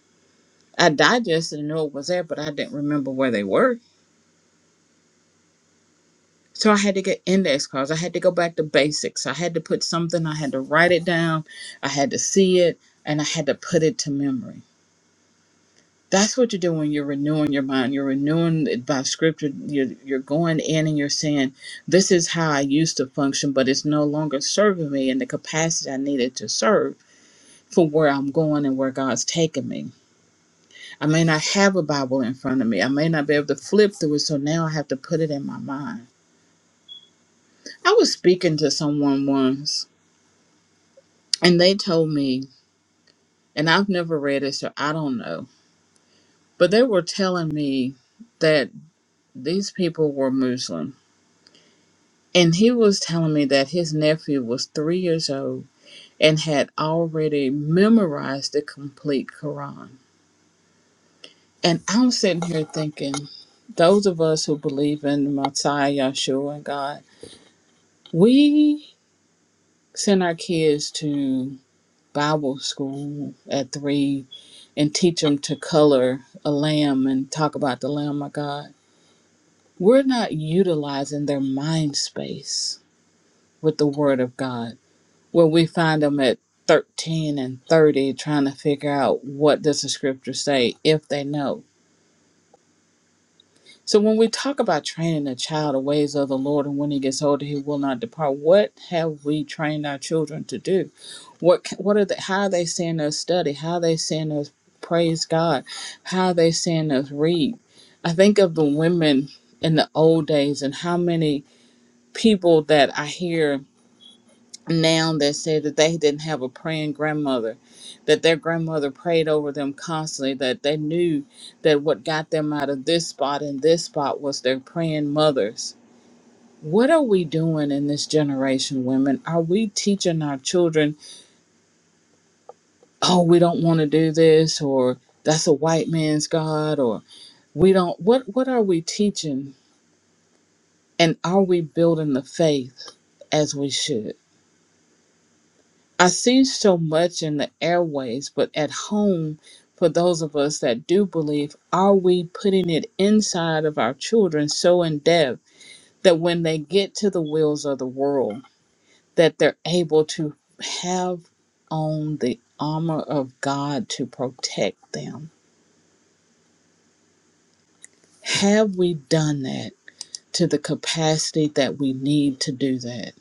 I digested and knew it was there, but I didn't remember where they were. So I had to get index cards. I had to go back to basics. I had to put something, I had to write it down, I had to see it, and I had to put it to memory. That's what you do when you're renewing your mind. You're renewing it by scripture. You're, you're going in and you're saying, This is how I used to function, but it's no longer serving me in the capacity I needed to serve for where I'm going and where God's taking me. I may not have a Bible in front of me. I may not be able to flip through it. So now I have to put it in my mind. I was speaking to someone once, and they told me, and I've never read it, so I don't know, but they were telling me that these people were Muslim. And he was telling me that his nephew was three years old and had already memorized the complete Quran. And I'm sitting here thinking, those of us who believe in Messiah, Yeshua, and God, we send our kids to Bible school at three and teach them to color a lamb and talk about the Lamb of God. We're not utilizing their mind space with the Word of God, where we find them at 13 and 30 trying to figure out what does the scripture say if they know. So when we talk about training a child the ways of the Lord and when he gets older he will not depart, what have we trained our children to do? What what are they how are they seeing us study? How are they seeing us praise God? How are they seeing us read? I think of the women in the old days and how many people that I hear now that said that they didn't have a praying grandmother, that their grandmother prayed over them constantly, that they knew that what got them out of this spot and this spot was their praying mothers. What are we doing in this generation, women? Are we teaching our children, oh, we don't want to do this, or that's a white man's God, or we don't? What, what are we teaching? And are we building the faith as we should? I see so much in the airways, but at home, for those of us that do believe, are we putting it inside of our children so in depth that when they get to the wheels of the world, that they're able to have on the armor of God to protect them? Have we done that to the capacity that we need to do that?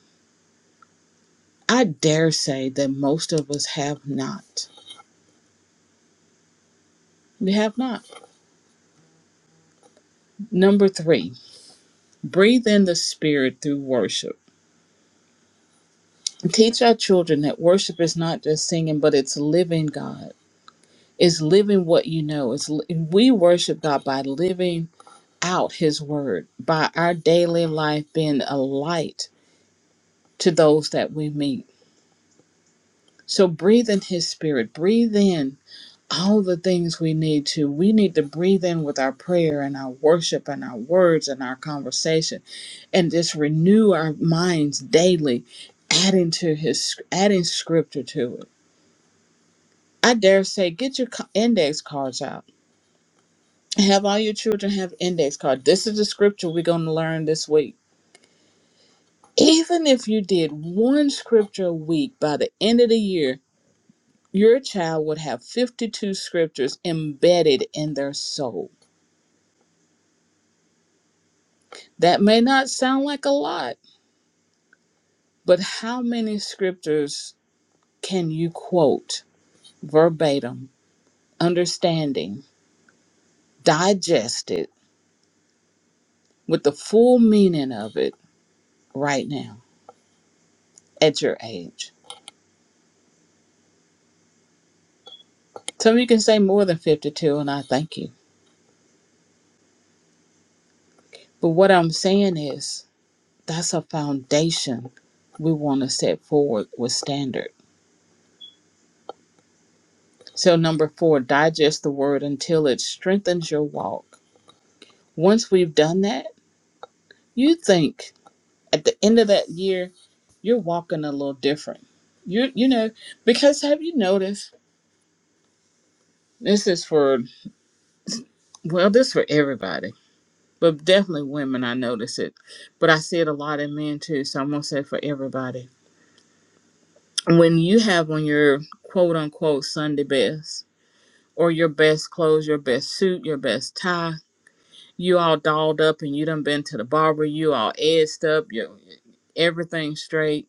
I dare say that most of us have not. We have not. Number three. Breathe in the Spirit through worship. Teach our children that worship is not just singing, but it's living God. It's living what you know. It's li- we worship God by living out His Word, by our daily life being a light to those that we meet. So breathe in His Spirit. Breathe in all the things we need to. We need to breathe in with our prayer and our worship and our words and our conversation and just renew our minds daily, adding to his adding scripture to it. I dare say, get your co- index cards out. Have all your children have index cards. This is the scripture we're going to learn this week. Even if you did one scripture a week by the end of the year, your child would have 52 scriptures embedded in their soul. That may not sound like a lot, but how many scriptures can you quote verbatim, understanding? digest it with the full meaning of it right now at your age. Some of you can say more than 52, and I thank you. But what I'm saying is that's a foundation we want to set forward with standard. So, number four, digest the word until it strengthens your walk. Once we've done that, you think at the end of that year, you're walking a little different. You you know, because have you noticed? This is for well, this is for everybody but definitely women I notice it. But I see it a lot in men too, so I'm gonna say for everybody. When you have on your quote unquote Sunday best or your best clothes, your best suit, your best tie, you all dolled up and you done been to the barber, you all edged up, your everything straight,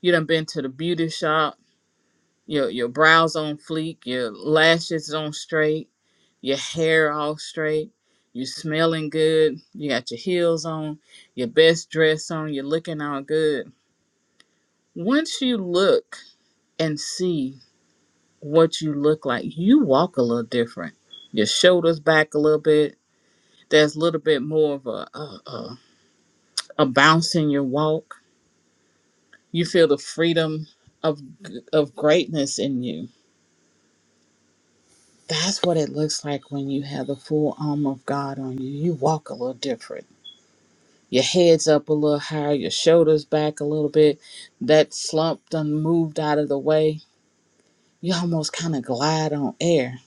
you done been to the beauty shop, your your brows on fleek, your lashes on straight your hair all straight, you're smelling good, you got your heels on, your best dress on, you're looking all good. Once you look and see what you look like, you walk a little different. Your shoulders back a little bit. There's a little bit more of a a, a, a bounce in your walk. You feel the freedom of of greatness in you. That's what it looks like when you have the full armor of God on you. You walk a little different your head's up a little higher, your shoulders back a little bit. That slump done moved out of the way. You almost kind of glide on air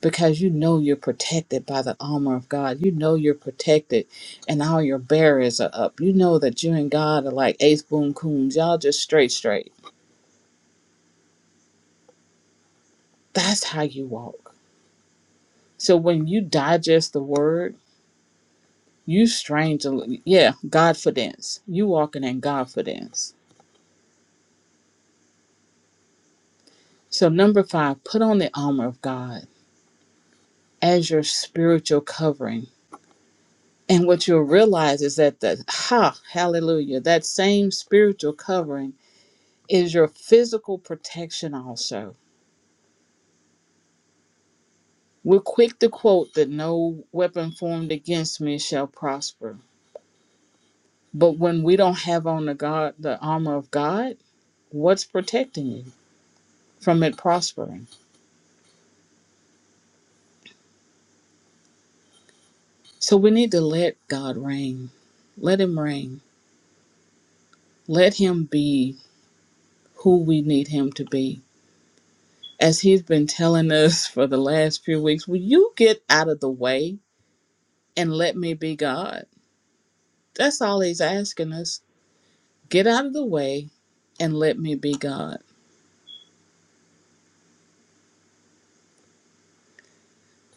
because you know you're protected by the armor of God. You know you're protected and all your barriers are up. You know that you and God are like ace boom coons. Y'all just straight, straight. That's how you walk. So when you digest the word, you strange, yeah, godfidence. You walking in godfidence. So number five, put on the armor of God as your spiritual covering. And what you'll realize is that the ha, hallelujah, that same spiritual covering is your physical protection also. We're quick to quote that no weapon formed against me shall prosper. But when we don't have on the God the armor of God, what's protecting you from it prospering? So we need to let God reign. Let him reign. Let him be who we need him to be as he's been telling us for the last few weeks, will you get out of the way and let me be God? That's all he's asking us. Get out of the way and let me be God.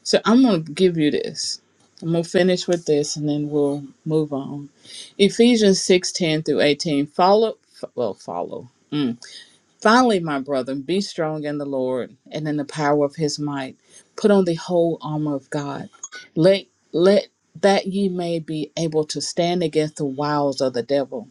So I'm going to give you this. I'm going to finish with this and then we'll move on. Ephesians 6 10 through 18. Follow, f- well, follow. Mm. Finally, my brethren, be strong in the Lord and in the power of his might. Put on the whole armor of God. Let let that ye may be able to stand against the wiles of the devil.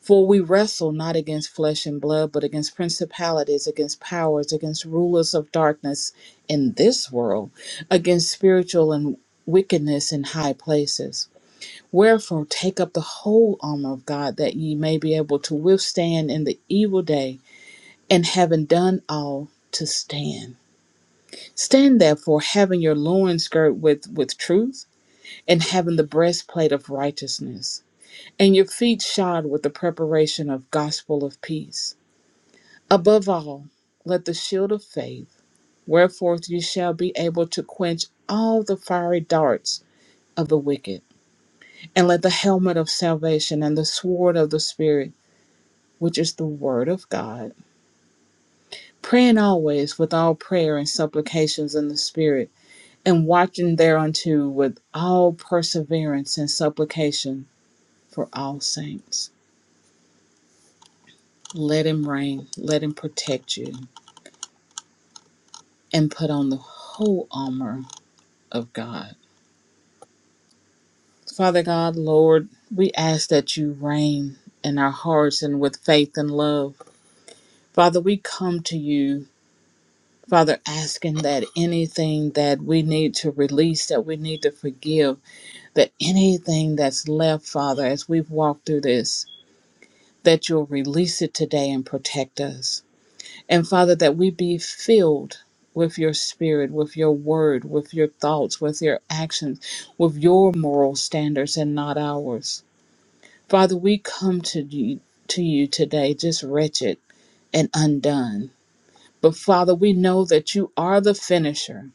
For we wrestle not against flesh and blood, but against principalities, against powers, against rulers of darkness in this world, against spiritual and wickedness in high places. Wherefore take up the whole armor of God that ye may be able to withstand in the evil day and having done all to stand. Stand therefore, having your loins girt with, with truth, and having the breastplate of righteousness, and your feet shod with the preparation of gospel of peace. Above all, let the shield of faith, wherefore you shall be able to quench all the fiery darts of the wicked, and let the helmet of salvation and the sword of the Spirit, which is the word of God, praying always with all prayer and supplications in the Spirit and watching thereunto with all perseverance and supplication for all saints. Let him reign, let him protect you, and put on the whole armor of God. Father God, Lord, we ask that you reign in our hearts and with faith and love. Father, we come to you. Father, asking that anything that we need to release, that we need to forgive, that anything that's left, Father, as we've walked through this, that you'll release it today and protect us. And Father, that we be filled with your spirit, with your word, with your thoughts, with your actions, with your moral standards and not ours. Father, we come to you, to you today just wretched and undone. But Father, we know that you are the finisher.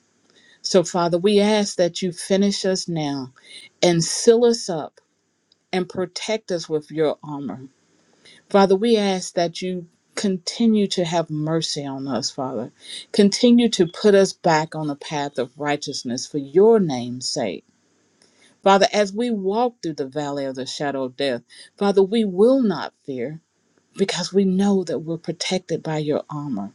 So, Father, we ask that you finish us now and seal us up and protect us with your armor Father, we ask that you continue to have mercy on us, Father. Continue to put us back on the path of righteousness for your name's sake. Father, as we walk through the valley of the shadow of death, Father, we will not fear because we know that we're protected by your armor.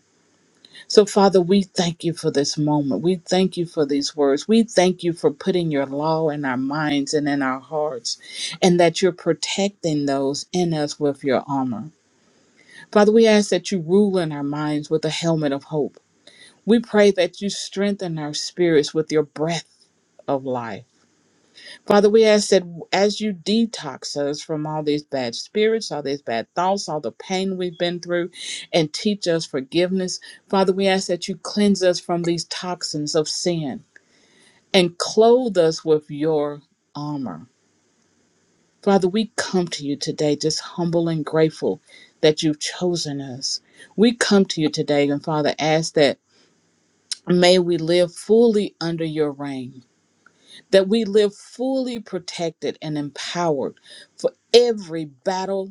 So, Father, we thank you for this moment. We thank you for these words. We thank you for putting your law in our minds and in our hearts, and that you're protecting those in us with your armor. Father, we ask that you rule in our minds with a helmet of hope. We pray that you strengthen our spirits with your breath of life. Father, we ask that as you detox us from all these bad spirits, all these bad thoughts, all the pain we've been through, and teach us forgiveness, Father, we ask that you cleanse us from these toxins of sin and clothe us with your armor. Father, we come to you today just humble and grateful that you've chosen us. We come to you today and Father ask that may we live fully under your reign, that we live fully protected and empowered for every battle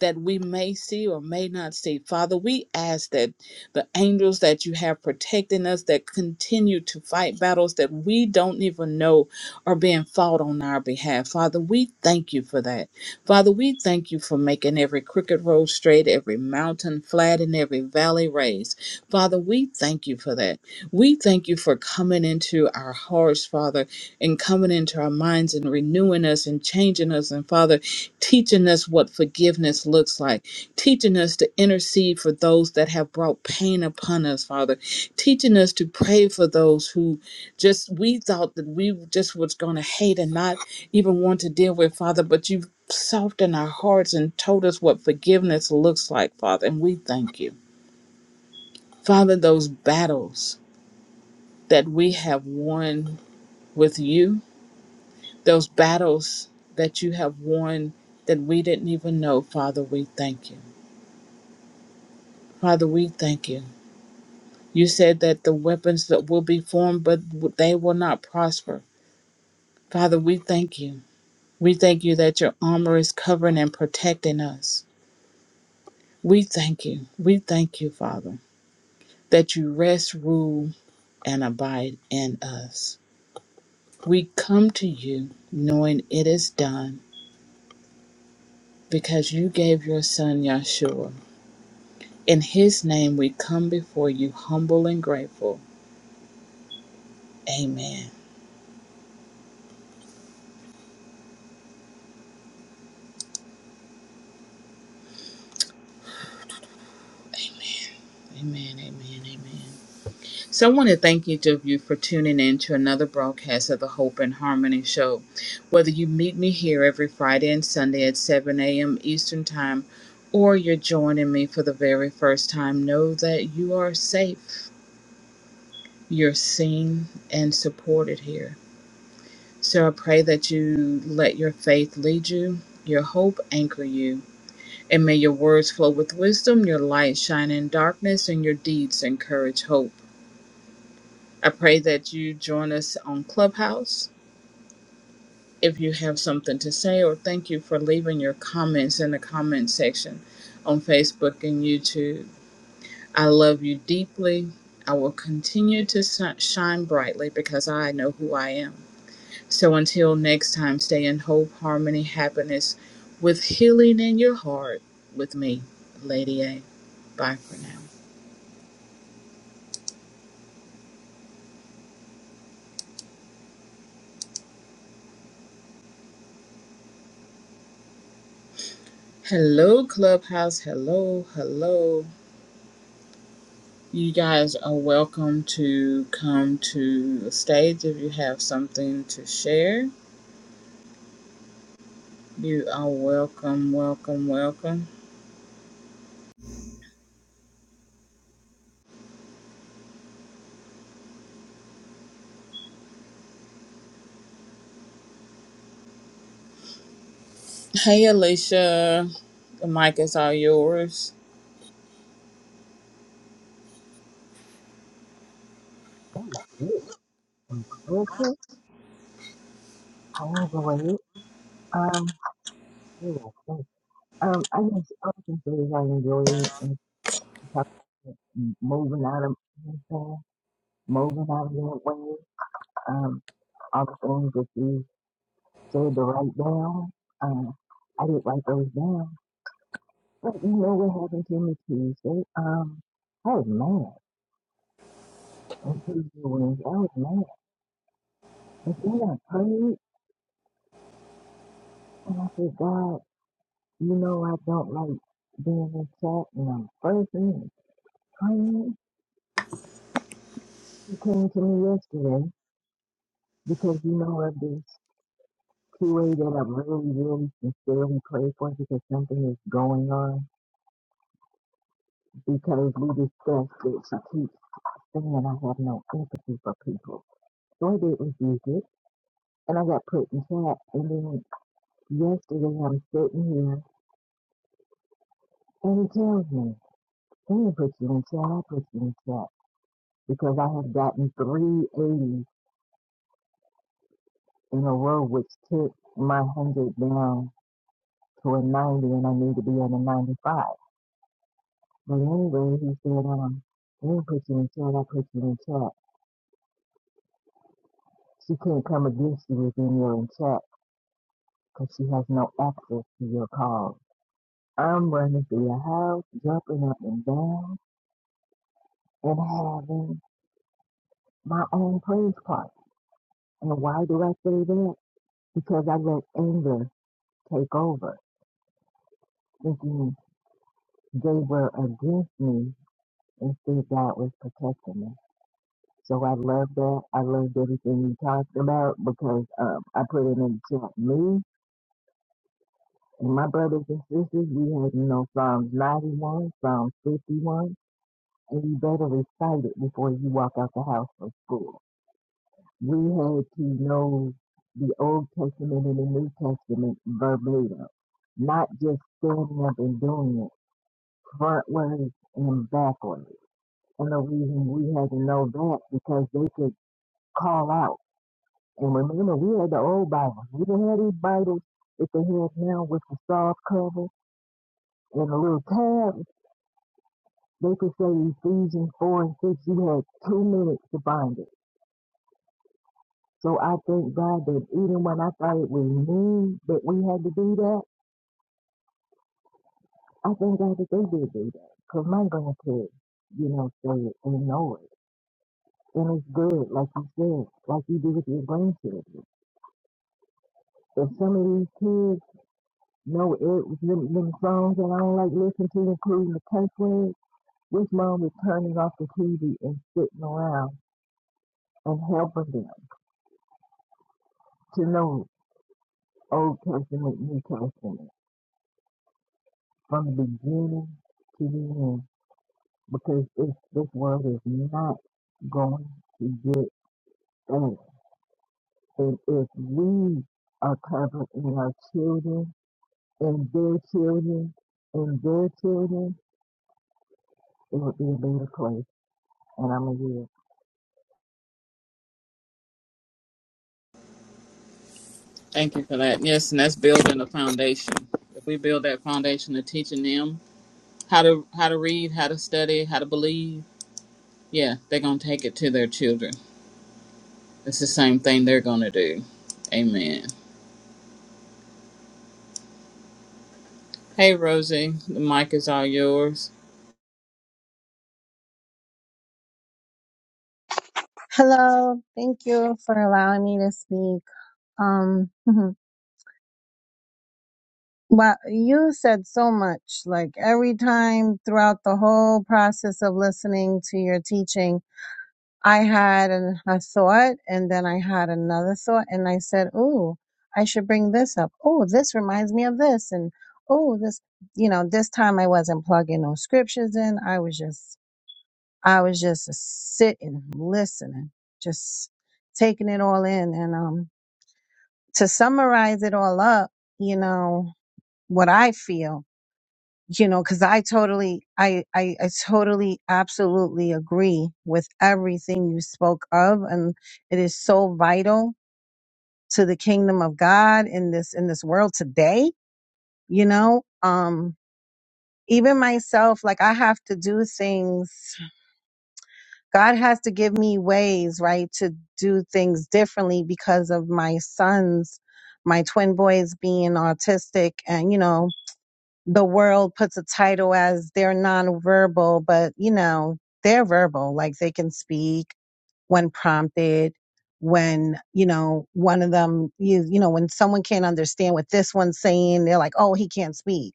that we may see or may not see. Father, we ask that the angels that you have protecting us that continue to fight battles that we don't even know are being fought on our behalf. Father, we thank you for that. Father, we thank you for making every crooked road straight, every mountain flat, and every valley raised. Father, we thank you for that. We thank you for coming into our hearts, Father, and coming into our minds and renewing us and changing us. And Father, teaching us what forgiveness looks like, teaching us to intercede for those that have brought pain upon us, Father, teaching us to pray for those who just we thought that we just was going to hate and not even want to deal with, Father, but you've softened our hearts and told us what forgiveness looks like, Father, and we thank you. Father, those battles that we have won with you, those battles that you have won that we didn't even know, Father, we thank you. Father, we thank you. You said that the weapons that will be formed, but they will not prosper. Father, we thank you. We thank you that your armor is covering and protecting us. We thank you. We thank you, Father, that you rest, rule, and abide in us. We come to you knowing it is done because you gave your son Yeshua. In his name, we come before you humble and grateful. Amen. Amen. Amen. Amen. So I want to thank each of you for tuning in to another broadcast of the Hope and Harmony Show. Whether you meet me here every Friday and Sunday at 7 a.m. Eastern Time, or you're joining me for the very first time, know that you are safe. You're seen and supported here. So I pray that you let your faith lead you, your hope anchor you, and may your words flow with wisdom, your light shine in darkness, and your deeds encourage hope. I pray that you join us on Clubhouse if you have something to say, or thank you for leaving your comments in the comment section on Facebook and YouTube. I love you deeply. I will continue to si- shine brightly because I know who I am. So until next time, stay in hope, harmony, happiness with healing in your heart with me, Lady A. Bye for now. Hello, Clubhouse. Hello, hello. You guys are welcome to come to the stage if you have something to share. You are welcome, welcome, welcome. Hey, Alicia, the mic is all yours.
That was good. And listen, I enjoy it. Um, yeah, thanks. um, I just I can say that I enjoy it and keep up with moving out of you know what I'm saying? moving out of that way. Um, all the things that you said to write down. Um, I did write those down. But you know what happened to me Tuesday? Um, I was mad on Tuesday Wednesday. I was mad. But then I prayed and I said, God, you know I don't like being in chat and I'm fussy Um, He came to me yesterday because you know of this QA that I really, really sincerely pray for because something is going on. Because we discussed this, I keep saying I have no empathy for people. So I didn't use it, and I got put in chat. And then yesterday I'm sitting here, and he tells me, "I didn't put you in chat. I put you in chat because I have gotten 380 in a row, which took my hundred down to a 90 and I need to be at a 95. But anyway, he said, um, we put you in chat. I put you in chat. She can't come against you within your in chat because she has no access to your calls. I'm running through your house, jumping up and down, and having my own praise party. And why do I say that? Because I let anger take over, thinking they were against me instead God was protecting me. So I love that. I loved everything you talked about because um, I put it in the chat. Me and my brothers and sisters, we had, you know, Psalms 91, Psalms 51, and you better recite it before you walk out the house from school. We had to know the Old Testament and the New Testament verbatim, not just standing up and doing it frontwards and backwards. And the reason we had to know that because they could call out And remember, we had the old Bibles. We didn't have these Bibles that they have now with the soft cover and a little tab. They could say Ephesians 4 and 6. You had two minutes to bind it. So I thank God that even when I thought it was me that we had to do that, I thank God that they did do that. Because my grandkids, you know, say it and know it. And it's good, like you said, like you do with your grandchildren. If some of these kids know it, them, them songs that I don't like listening to, including the cuss words, This mom was turning off the TV and sitting around and helping them to know Old Testament, New Testament from the beginning to the end because it's, this world is not going to get us. And if we are covered in our children, in their children, in their children, it would be a better place. And I'm a year.
Thank you for that. Yes, and that's building a foundation. If we build that foundation of teaching them how to how to read, how to study, how to believe, yeah, they're gonna take it to their children. It's the same thing they're gonna do. Amen. Hey, Rosie, the mic is all yours.
Hello, thank you for allowing me to speak. Um, wow, you said so much. Like every time throughout the whole process of listening to your teaching, I had an, a thought and then I had another thought and I said, Ooh, I should bring this up. Oh, this reminds me of this. And oh, this, you know, this time I wasn't plugging no scriptures in. I was just, I was just sitting, listening, just taking it all in. and um. to summarize it all up, you know, what I feel, you know, cause I totally, I, I, I totally absolutely agree with everything you spoke of. And it is so vital to the kingdom of God in this, in this world today, you know, um, even myself, like I have to do things, God has to give me ways, right, to do things differently because of my sons, my twin boys being autistic and, you know, the world puts a title as they're nonverbal, but you know, they're verbal, like they can speak when prompted when you know one of them you, you know when someone can't understand what this one's saying they're like oh he can't speak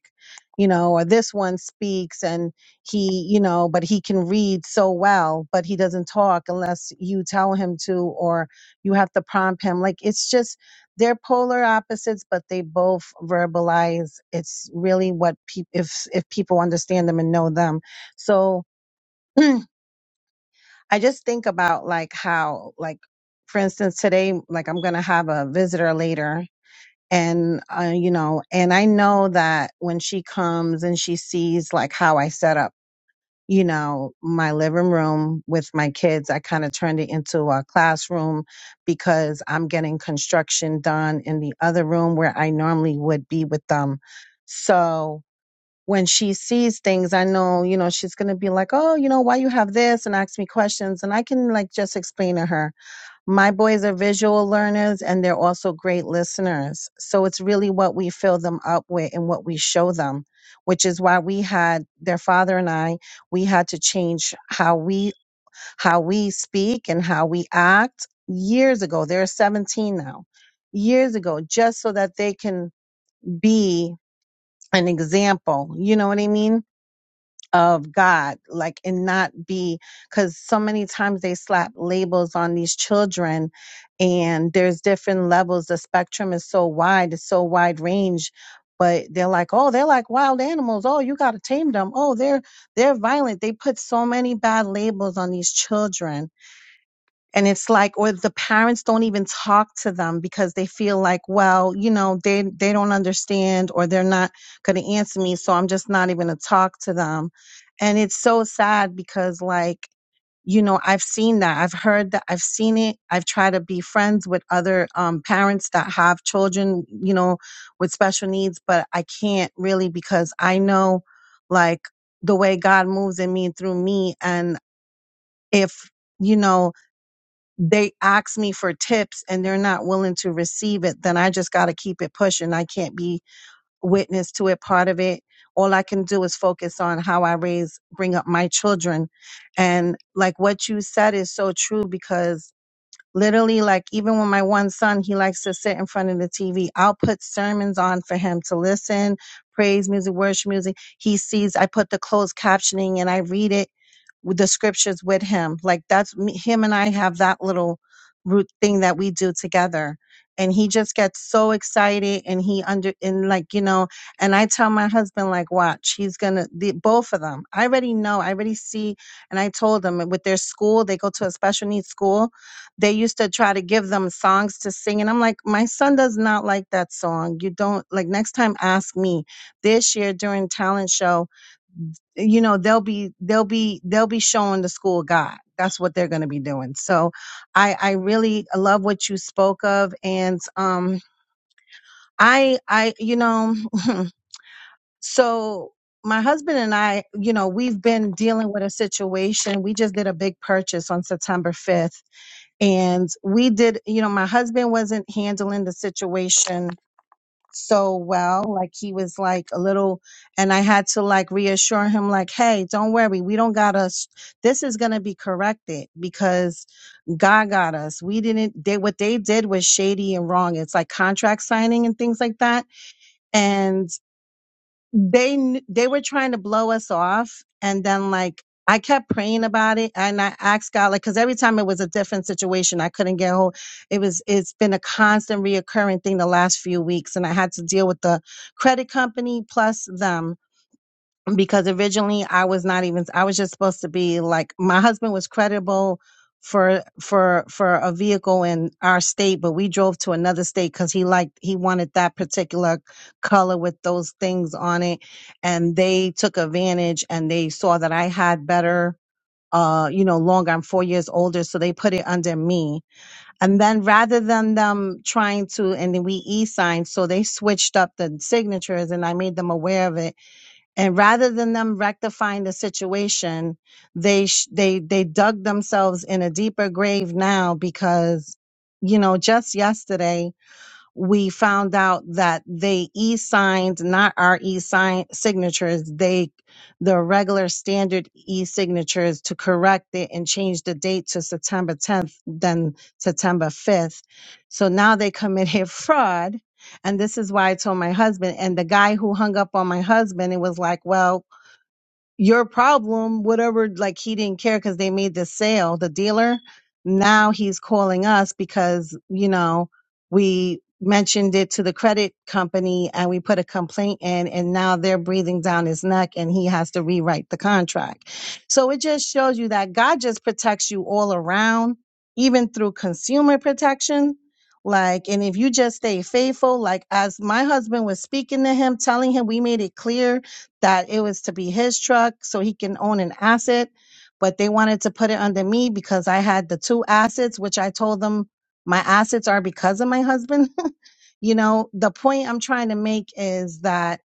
you know or this one speaks and he you know but he can read so well but he doesn't talk unless you tell him to or you have to prompt him like it's just they're polar opposites but they both verbalize it's really what people if if people understand them and know them so I just think about like how, like, for instance, today, like I'm going to have a visitor later and, uh, you know, and I know that when she comes and she sees like how I set up, you know, my living room with my kids, I kind of turned it into a classroom because I'm getting construction done in the other room where I normally would be with them. So, when she sees things, I know, you know, she's going to be like, oh, you know, why you have this and ask me questions. And I can like just explain to her. My boys are visual learners and they're also great listeners. So it's really what we fill them up with and what we show them, which is why we had their father and I, we had to change how we, how we speak and how we act years ago. They're 17 now, years ago, just so that they can be an example. You know what I mean? of God, like, and not be, because so many times they slap labels on these children, and there's different levels. The spectrum is so wide, it's so wide range. But they're like, oh, they're like wild animals. Oh, you gotta tame them. Oh, they're they're violent. They put so many bad labels on these children and it's like or the parents don't even talk to them because they feel like well you know they they don't understand or they're not going to answer me so i'm just not even going to talk to them and it's so sad because like you know i've seen that i've heard that i've seen it i've tried to be friends with other um, parents that have children you know with special needs but i can't really because i know like the way god moves in me and through me and if you know they ask me for tips and they're not willing to receive it, then I just got to keep it pushing. I can't be witness to it, part of it. All I can do is focus on how I raise, bring up my children. And like what you said is so true because literally, like even with my one son, he likes to sit in front of the TV. I'll put sermons on for him to listen, praise music, worship music. He sees I put the closed captioning and I read it with the scriptures with him. Like that's me, him and I have that little root thing that we do together. And he just gets so excited and he under, and like, you know, and I tell my husband, like, watch, he's gonna, the, both of them. I already know, I already see. And I told them with their school, they go to a special needs school. They used to try to give them songs to sing. And I'm like, my son does not like that song. You don't, like, next time ask me. This year during talent show, you know they'll be they'll be they'll be showing the school god that's what they're going to be doing so i i really love what you spoke of and um i i you know so my husband and i you know we've been dealing with a situation we just did a big purchase on september 5th and we did you know my husband wasn't handling the situation so well. Like he was like a little, and I had to like reassure him, like, hey, don't worry. We don't got us. This is going to be corrected because God got us. We didn't, they, what they did was shady and wrong. It's like contract signing and things like that. And they kn- they were trying to blow us off and then like i kept praying about it and i asked god like because every time it was a different situation i couldn't get hold it was it's been a constant reoccurring thing the last few weeks and i had to deal with the credit company plus them because originally I was not even I was just supposed to be like my husband was credible for for for a vehicle in our state but we drove to another state cuz he liked he wanted that particular color with those things on it and they took advantage and they saw that I had better uh you know longer I'm 4 years older so they put it under me and then rather than them trying to and then we e-signed so they switched up the signatures and I made them aware of it and rather than them rectifying the situation they sh- they they dug themselves in a deeper grave now because you know just yesterday we found out that they e-signed not our e-sign signatures they the regular standard e-signatures to correct it and change the date to september 10th then september 5th so now they committed fraud and this is why i told my husband and the guy who hung up on my husband it was like well your problem, whatever, like he didn't care because they made this sale, the dealer. Now he's calling us because, you know, we mentioned it to the credit company and we put a complaint in and now they're breathing down his neck and he has to rewrite the contract. So it just shows you that God just protects you all around, even through consumer protection. Like, and if you just stay faithful, like as my husband was speaking to him, telling him we made it clear that it was to be his truck so he can own an asset, but they wanted to put it under me because I had the two assets, which I told them my assets are because of my husband. you know, the point I'm trying to make is that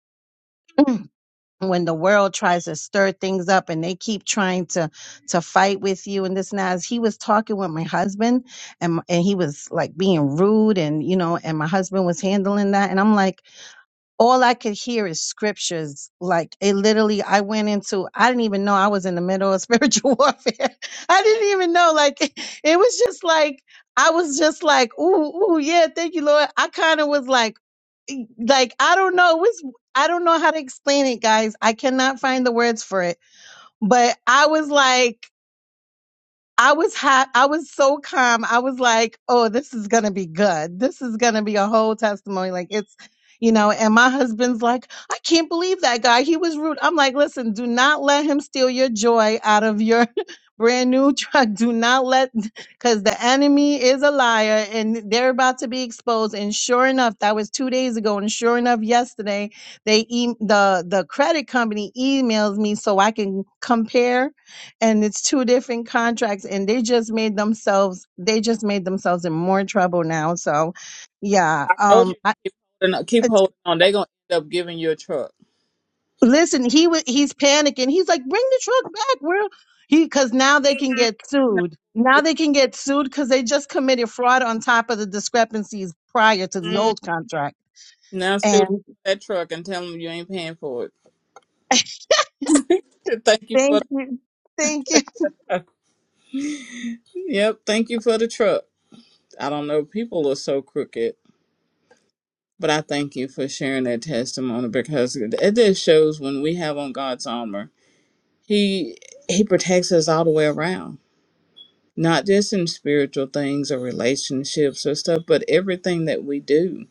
when the world tries to stir things up and they keep trying to to fight with you and this and that, as he was talking with my husband and and he was like being rude and you know and my husband was handling that and I'm like all I could hear is scriptures. Like it literally, I went into, I didn't even know I was in the middle of spiritual warfare. I didn't even know. Like it was just like, I was just like, ooh, ooh, yeah, thank you, Lord. I kind of was like, e- like, I don't know. It was, I don't know how to explain it, guys. I cannot find the words for it. But I was like, I was hot. I was so calm. I was like, oh, this is going to be good. This is going to be a whole testimony. Like, it's, you know, and my husband's like, I can't believe that guy. He was rude. I'm like, listen, do not let him steal your joy out of your brand new truck. Do not let, because the enemy is a liar and they're about to be exposed. And sure enough, that was two days ago. And sure enough, yesterday, they, e- the, the credit company emails me so I can compare and it's two different contracts and they just made themselves they just made themselves in more trouble now so yeah
told
um
you
I,
to keep holding on. Keep
it's,
holding on. They gonna end up giving you a truck.
listen he wa he's panicking he's like bring the truck back we he because now they can get
No.
sued now they can get sued because they just committed fraud on top of the discrepancies prior to the
Mm.
old contract
Now sue
and
that truck and tell them you ain't paying for it. Thank you
thank
for.
you thank you
Yep. Thank you for the truck. I don't know. People are so crooked, but I thank you for sharing that testimony because it it just shows when we have on God's armor, He He protects us all the way around. Not just in spiritual things or relationships or stuff, but everything that we do.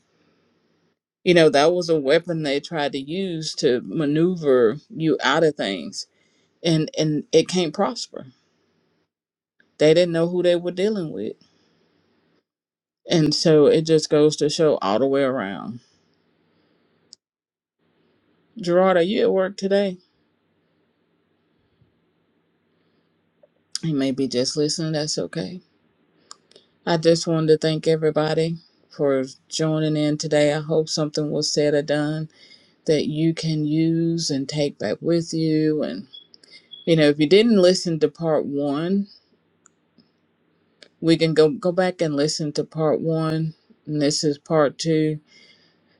You know, that was a weapon they tried to use to maneuver you out of things. And and it can't prosper. They didn't know who they were dealing with. And so it just goes to show all the way around. Gerard, are you at work today? You may be just listening, that's okay. I just wanted to thank everybody for joining in today. I hope something was said or done that you can use and take back with you and you know, if you didn't listen to part one, we can go go back and listen to part one and this is part two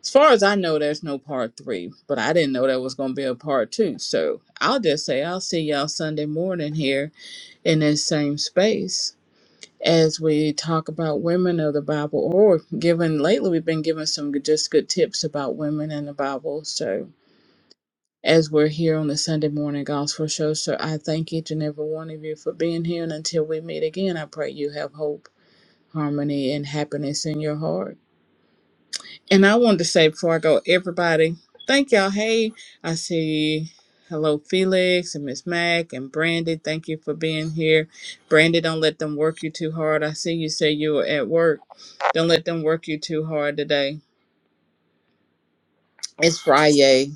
as far as i know there's no part three but i didn't know there was going to be a part two so i'll just say i'll see y'all sunday morning here in this same space as we talk about women of the bible or given lately we've been given some good- just good tips about women in the bible so as we're here on the sunday morning gospel show so i thank each and every one of you for being here and until we meet again i pray you have hope harmony and happiness in your heart. And I wanted to say before I go, everybody, thank y'all. Hey, I see hello Felix and Miss Mac and Brandy. Thank you for being here. Brandy, don't let them work you too hard. I see you say you were at work. Don't let them work you too hard today. It's Friday.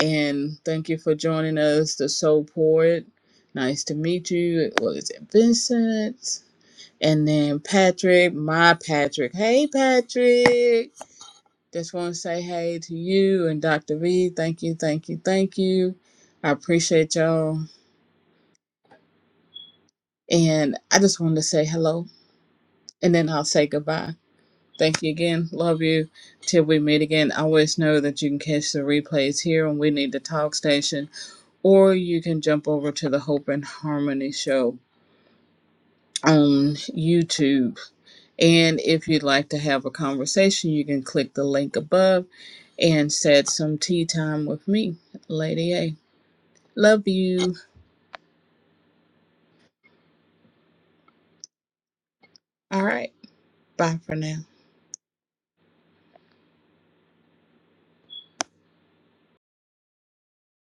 And thank you for joining us, the Soul Poet. Nice to meet you. What is it? Vincent. And then Patrick, my Patrick. Hey Patrick. Just want to say hey to you and Dr. V. Thank you, thank you, thank you. I appreciate y'all. And I just wanted to say hello and then I'll say goodbye. Thank you again. Love you. Till we meet again. I Always know that you can catch the replays here on We Need to Talk Station, or you can jump over to the Hope and Harmony show on YouTube. And if you'd like to have a conversation, you can click the link above and set some tea time with me, Lady A. Love you. All right. Bye for now.